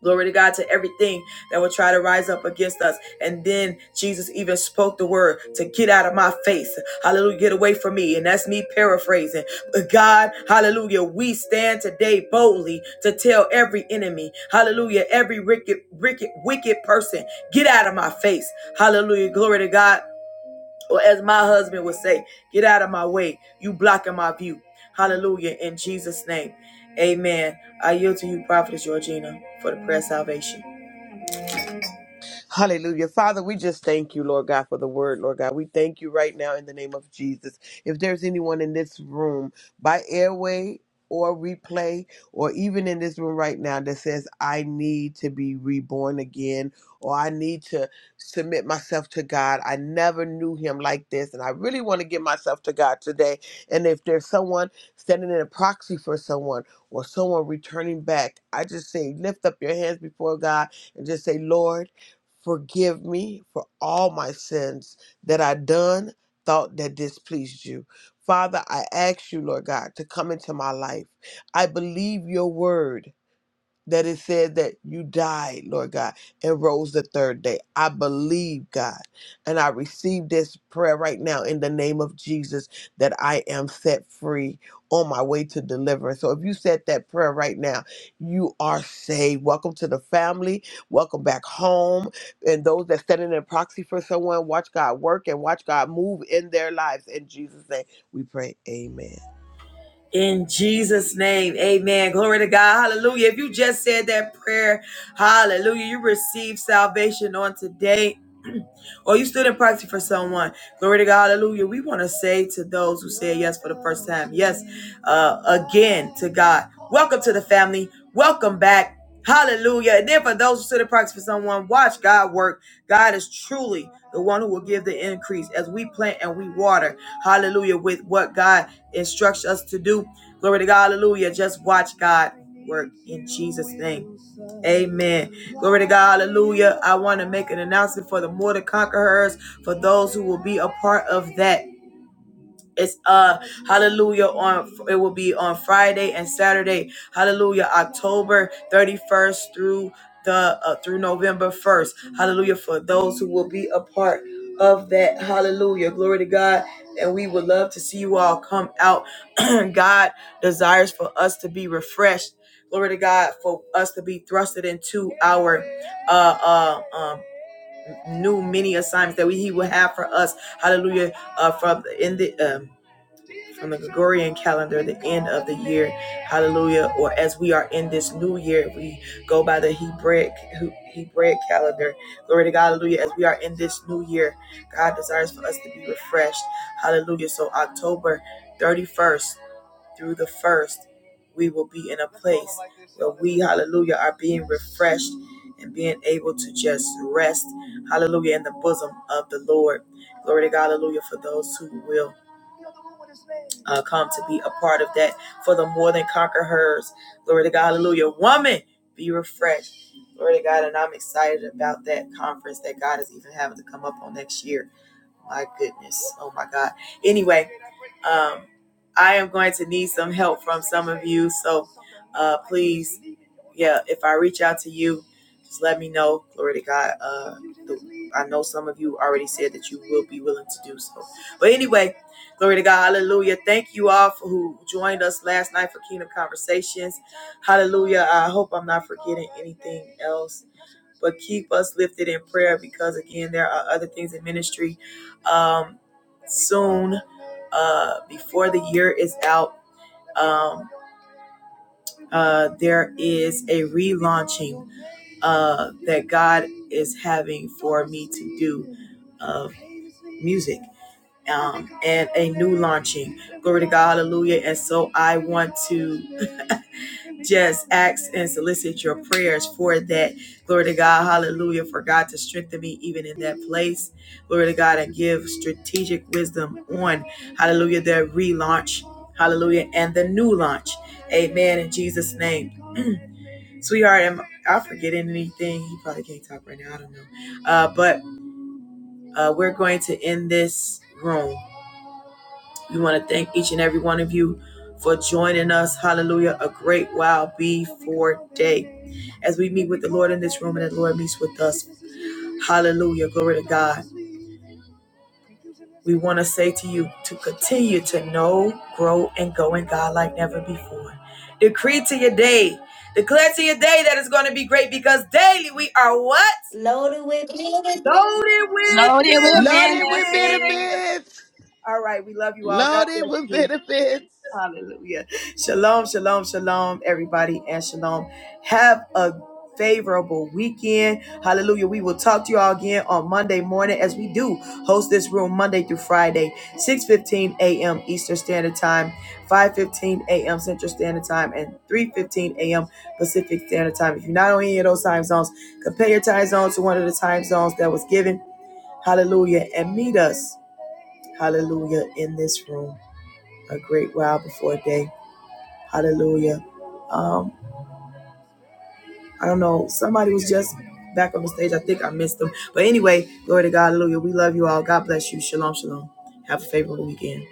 [SPEAKER 1] Glory to God to everything that will try to rise up against us. And then Jesus even spoke the word to get out of my face. Hallelujah. Get away from me. And that's me paraphrasing. But God, hallelujah, we stand today boldly to tell every enemy, hallelujah, every wicked, wicked, wicked person, get out of my face. Hallelujah. Glory to God. Or as my husband would say, get out of my way. You blocking my view. Hallelujah. In Jesus' name. Amen. I yield to you, Prophetess Georgina, for the prayer of salvation.
[SPEAKER 3] Hallelujah. Father, we just thank you, Lord God, for the word, Lord God. We thank you right now in the name of Jesus. If there's anyone in this room by airway, or replay, or even in this room right now that says, I need to be reborn again, or I need to submit myself to God. I never knew Him like this, and I really want to give myself to God today. And if there's someone standing in a proxy for someone, or someone returning back, I just say, lift up your hands before God and just say, Lord, Forgive me for all my sins that I done, thought that displeased you. Father, I ask you, Lord God, to come into my life. I believe your word that it said that you died, Lord God, and rose the third day. I believe, God, and I receive this prayer right now in the name of Jesus that I am set free on my way to deliverance. So if you said that prayer right now, you are saved. Welcome to the family. Welcome back home. And those that stand in a proxy for someone, watch God work and watch God move in their lives. In Jesus' name, we pray. Amen.
[SPEAKER 1] In Jesus' name, amen. Glory to God. Hallelujah. If you just said that prayer, hallelujah, you receive salvation on today or you stood in proxy for someone. Glory to God, hallelujah. We want to say to those who said yes for the first time, yes, uh, again to God. Welcome to the family. Welcome back. Hallelujah. And then for those who stood in proxy for someone, watch God work. God is truly the one who will give the increase as we plant and we water. Hallelujah. With what God instructs us to do. Glory to God. Hallelujah. Just watch God work in Jesus' name. Amen. Glory to God. Hallelujah. I want to make an announcement for the More to Conquerors, for those who will be a part of that. It's uh hallelujah on it will be on Friday and Saturday. Hallelujah October 31st through the uh, through November 1st. Hallelujah for those who will be a part of that. Hallelujah. Glory to God. And we would love to see you all come out. God desires for us to be refreshed. Glory to God for us to be thrusted into our uh uh um new many assignments that we he will have for us. Hallelujah. Uh from in the um from the Gregorian calendar, the end of the year, hallelujah, or as we are in this new year, we go by the Hebraic, Hebraic calendar, glory to God, hallelujah, as we are in this new year, God desires for us to be refreshed, hallelujah, so October 31st through the 1st, we will be in a place where we, hallelujah, are being refreshed and being able to just rest, hallelujah, in the bosom of the Lord. Glory to God, hallelujah, for those who will uh, come to be a part of that for the more than conquer hers. Glory to God. Hallelujah. Woman, be refreshed. Glory to God. And I'm excited about that conference that God is even having to come up on next year. My goodness. Oh my God. Anyway, um, I am going to need some help from some of you. So uh, please yeah, if I reach out to you, just let me know. Glory to God. Uh, the, I know some of you already said that you will be willing to do so. But anyway, glory to God. Hallelujah. Thank you all for who joined us last night for Kingdom Conversations. Hallelujah. I hope I'm not forgetting anything else. But keep us lifted in prayer because, again, there are other things in ministry. Um, soon, uh, before the year is out, um, uh, there is a relaunching uh, that God is having for me to do of music um, and a new launching. Glory to God, hallelujah. And so I want to just ask and solicit your prayers for that. Glory to God, hallelujah, for God to strengthen me even in that place. Glory to God and give strategic wisdom on, hallelujah, their relaunch, hallelujah, and the new launch. Amen. In Jesus' name. Sweetheart, am I forgetting anything? He probably can't talk right now. I don't know. Uh, but uh, we're going to end this room. We want to thank each and every one of you for joining us. Hallelujah. A great while before day. As we meet with the Lord in this room and the Lord meets with us. Hallelujah. Glory to God. We want to say to you to continue to know, grow, and go in God like never before. Decree to your day. Declare to your day that it's going to be great because daily we are what?
[SPEAKER 5] Loaded with benefits.
[SPEAKER 1] Loaded with
[SPEAKER 6] Loaded with
[SPEAKER 3] Loaded with
[SPEAKER 6] benefits.
[SPEAKER 1] benefits.
[SPEAKER 3] benefits.
[SPEAKER 1] All right. We love you all. God
[SPEAKER 3] Loaded
[SPEAKER 1] bless
[SPEAKER 3] with
[SPEAKER 1] you.
[SPEAKER 3] benefits.
[SPEAKER 1] Hallelujah. Shalom, shalom, shalom, everybody, and shalom. Have a favorable weekend. Hallelujah. We will talk to you all again on Monday morning as we do host this room Monday through Friday, 6:15 a.m. Eastern Standard Time, 5:15 a.m. Central Standard Time, and 3:15 a.m. Pacific Standard Time. If you're not on any of those time zones, compare your time zone to one of the time zones that was given Hallelujah. And meet us, hallelujah, in this room a great while before day. Hallelujah. Um, I don't know. Somebody was just back on the stage. I think I missed them. But anyway, glory to God. Hallelujah. We love you all. God bless you. Shalom, shalom. Have a favorable weekend.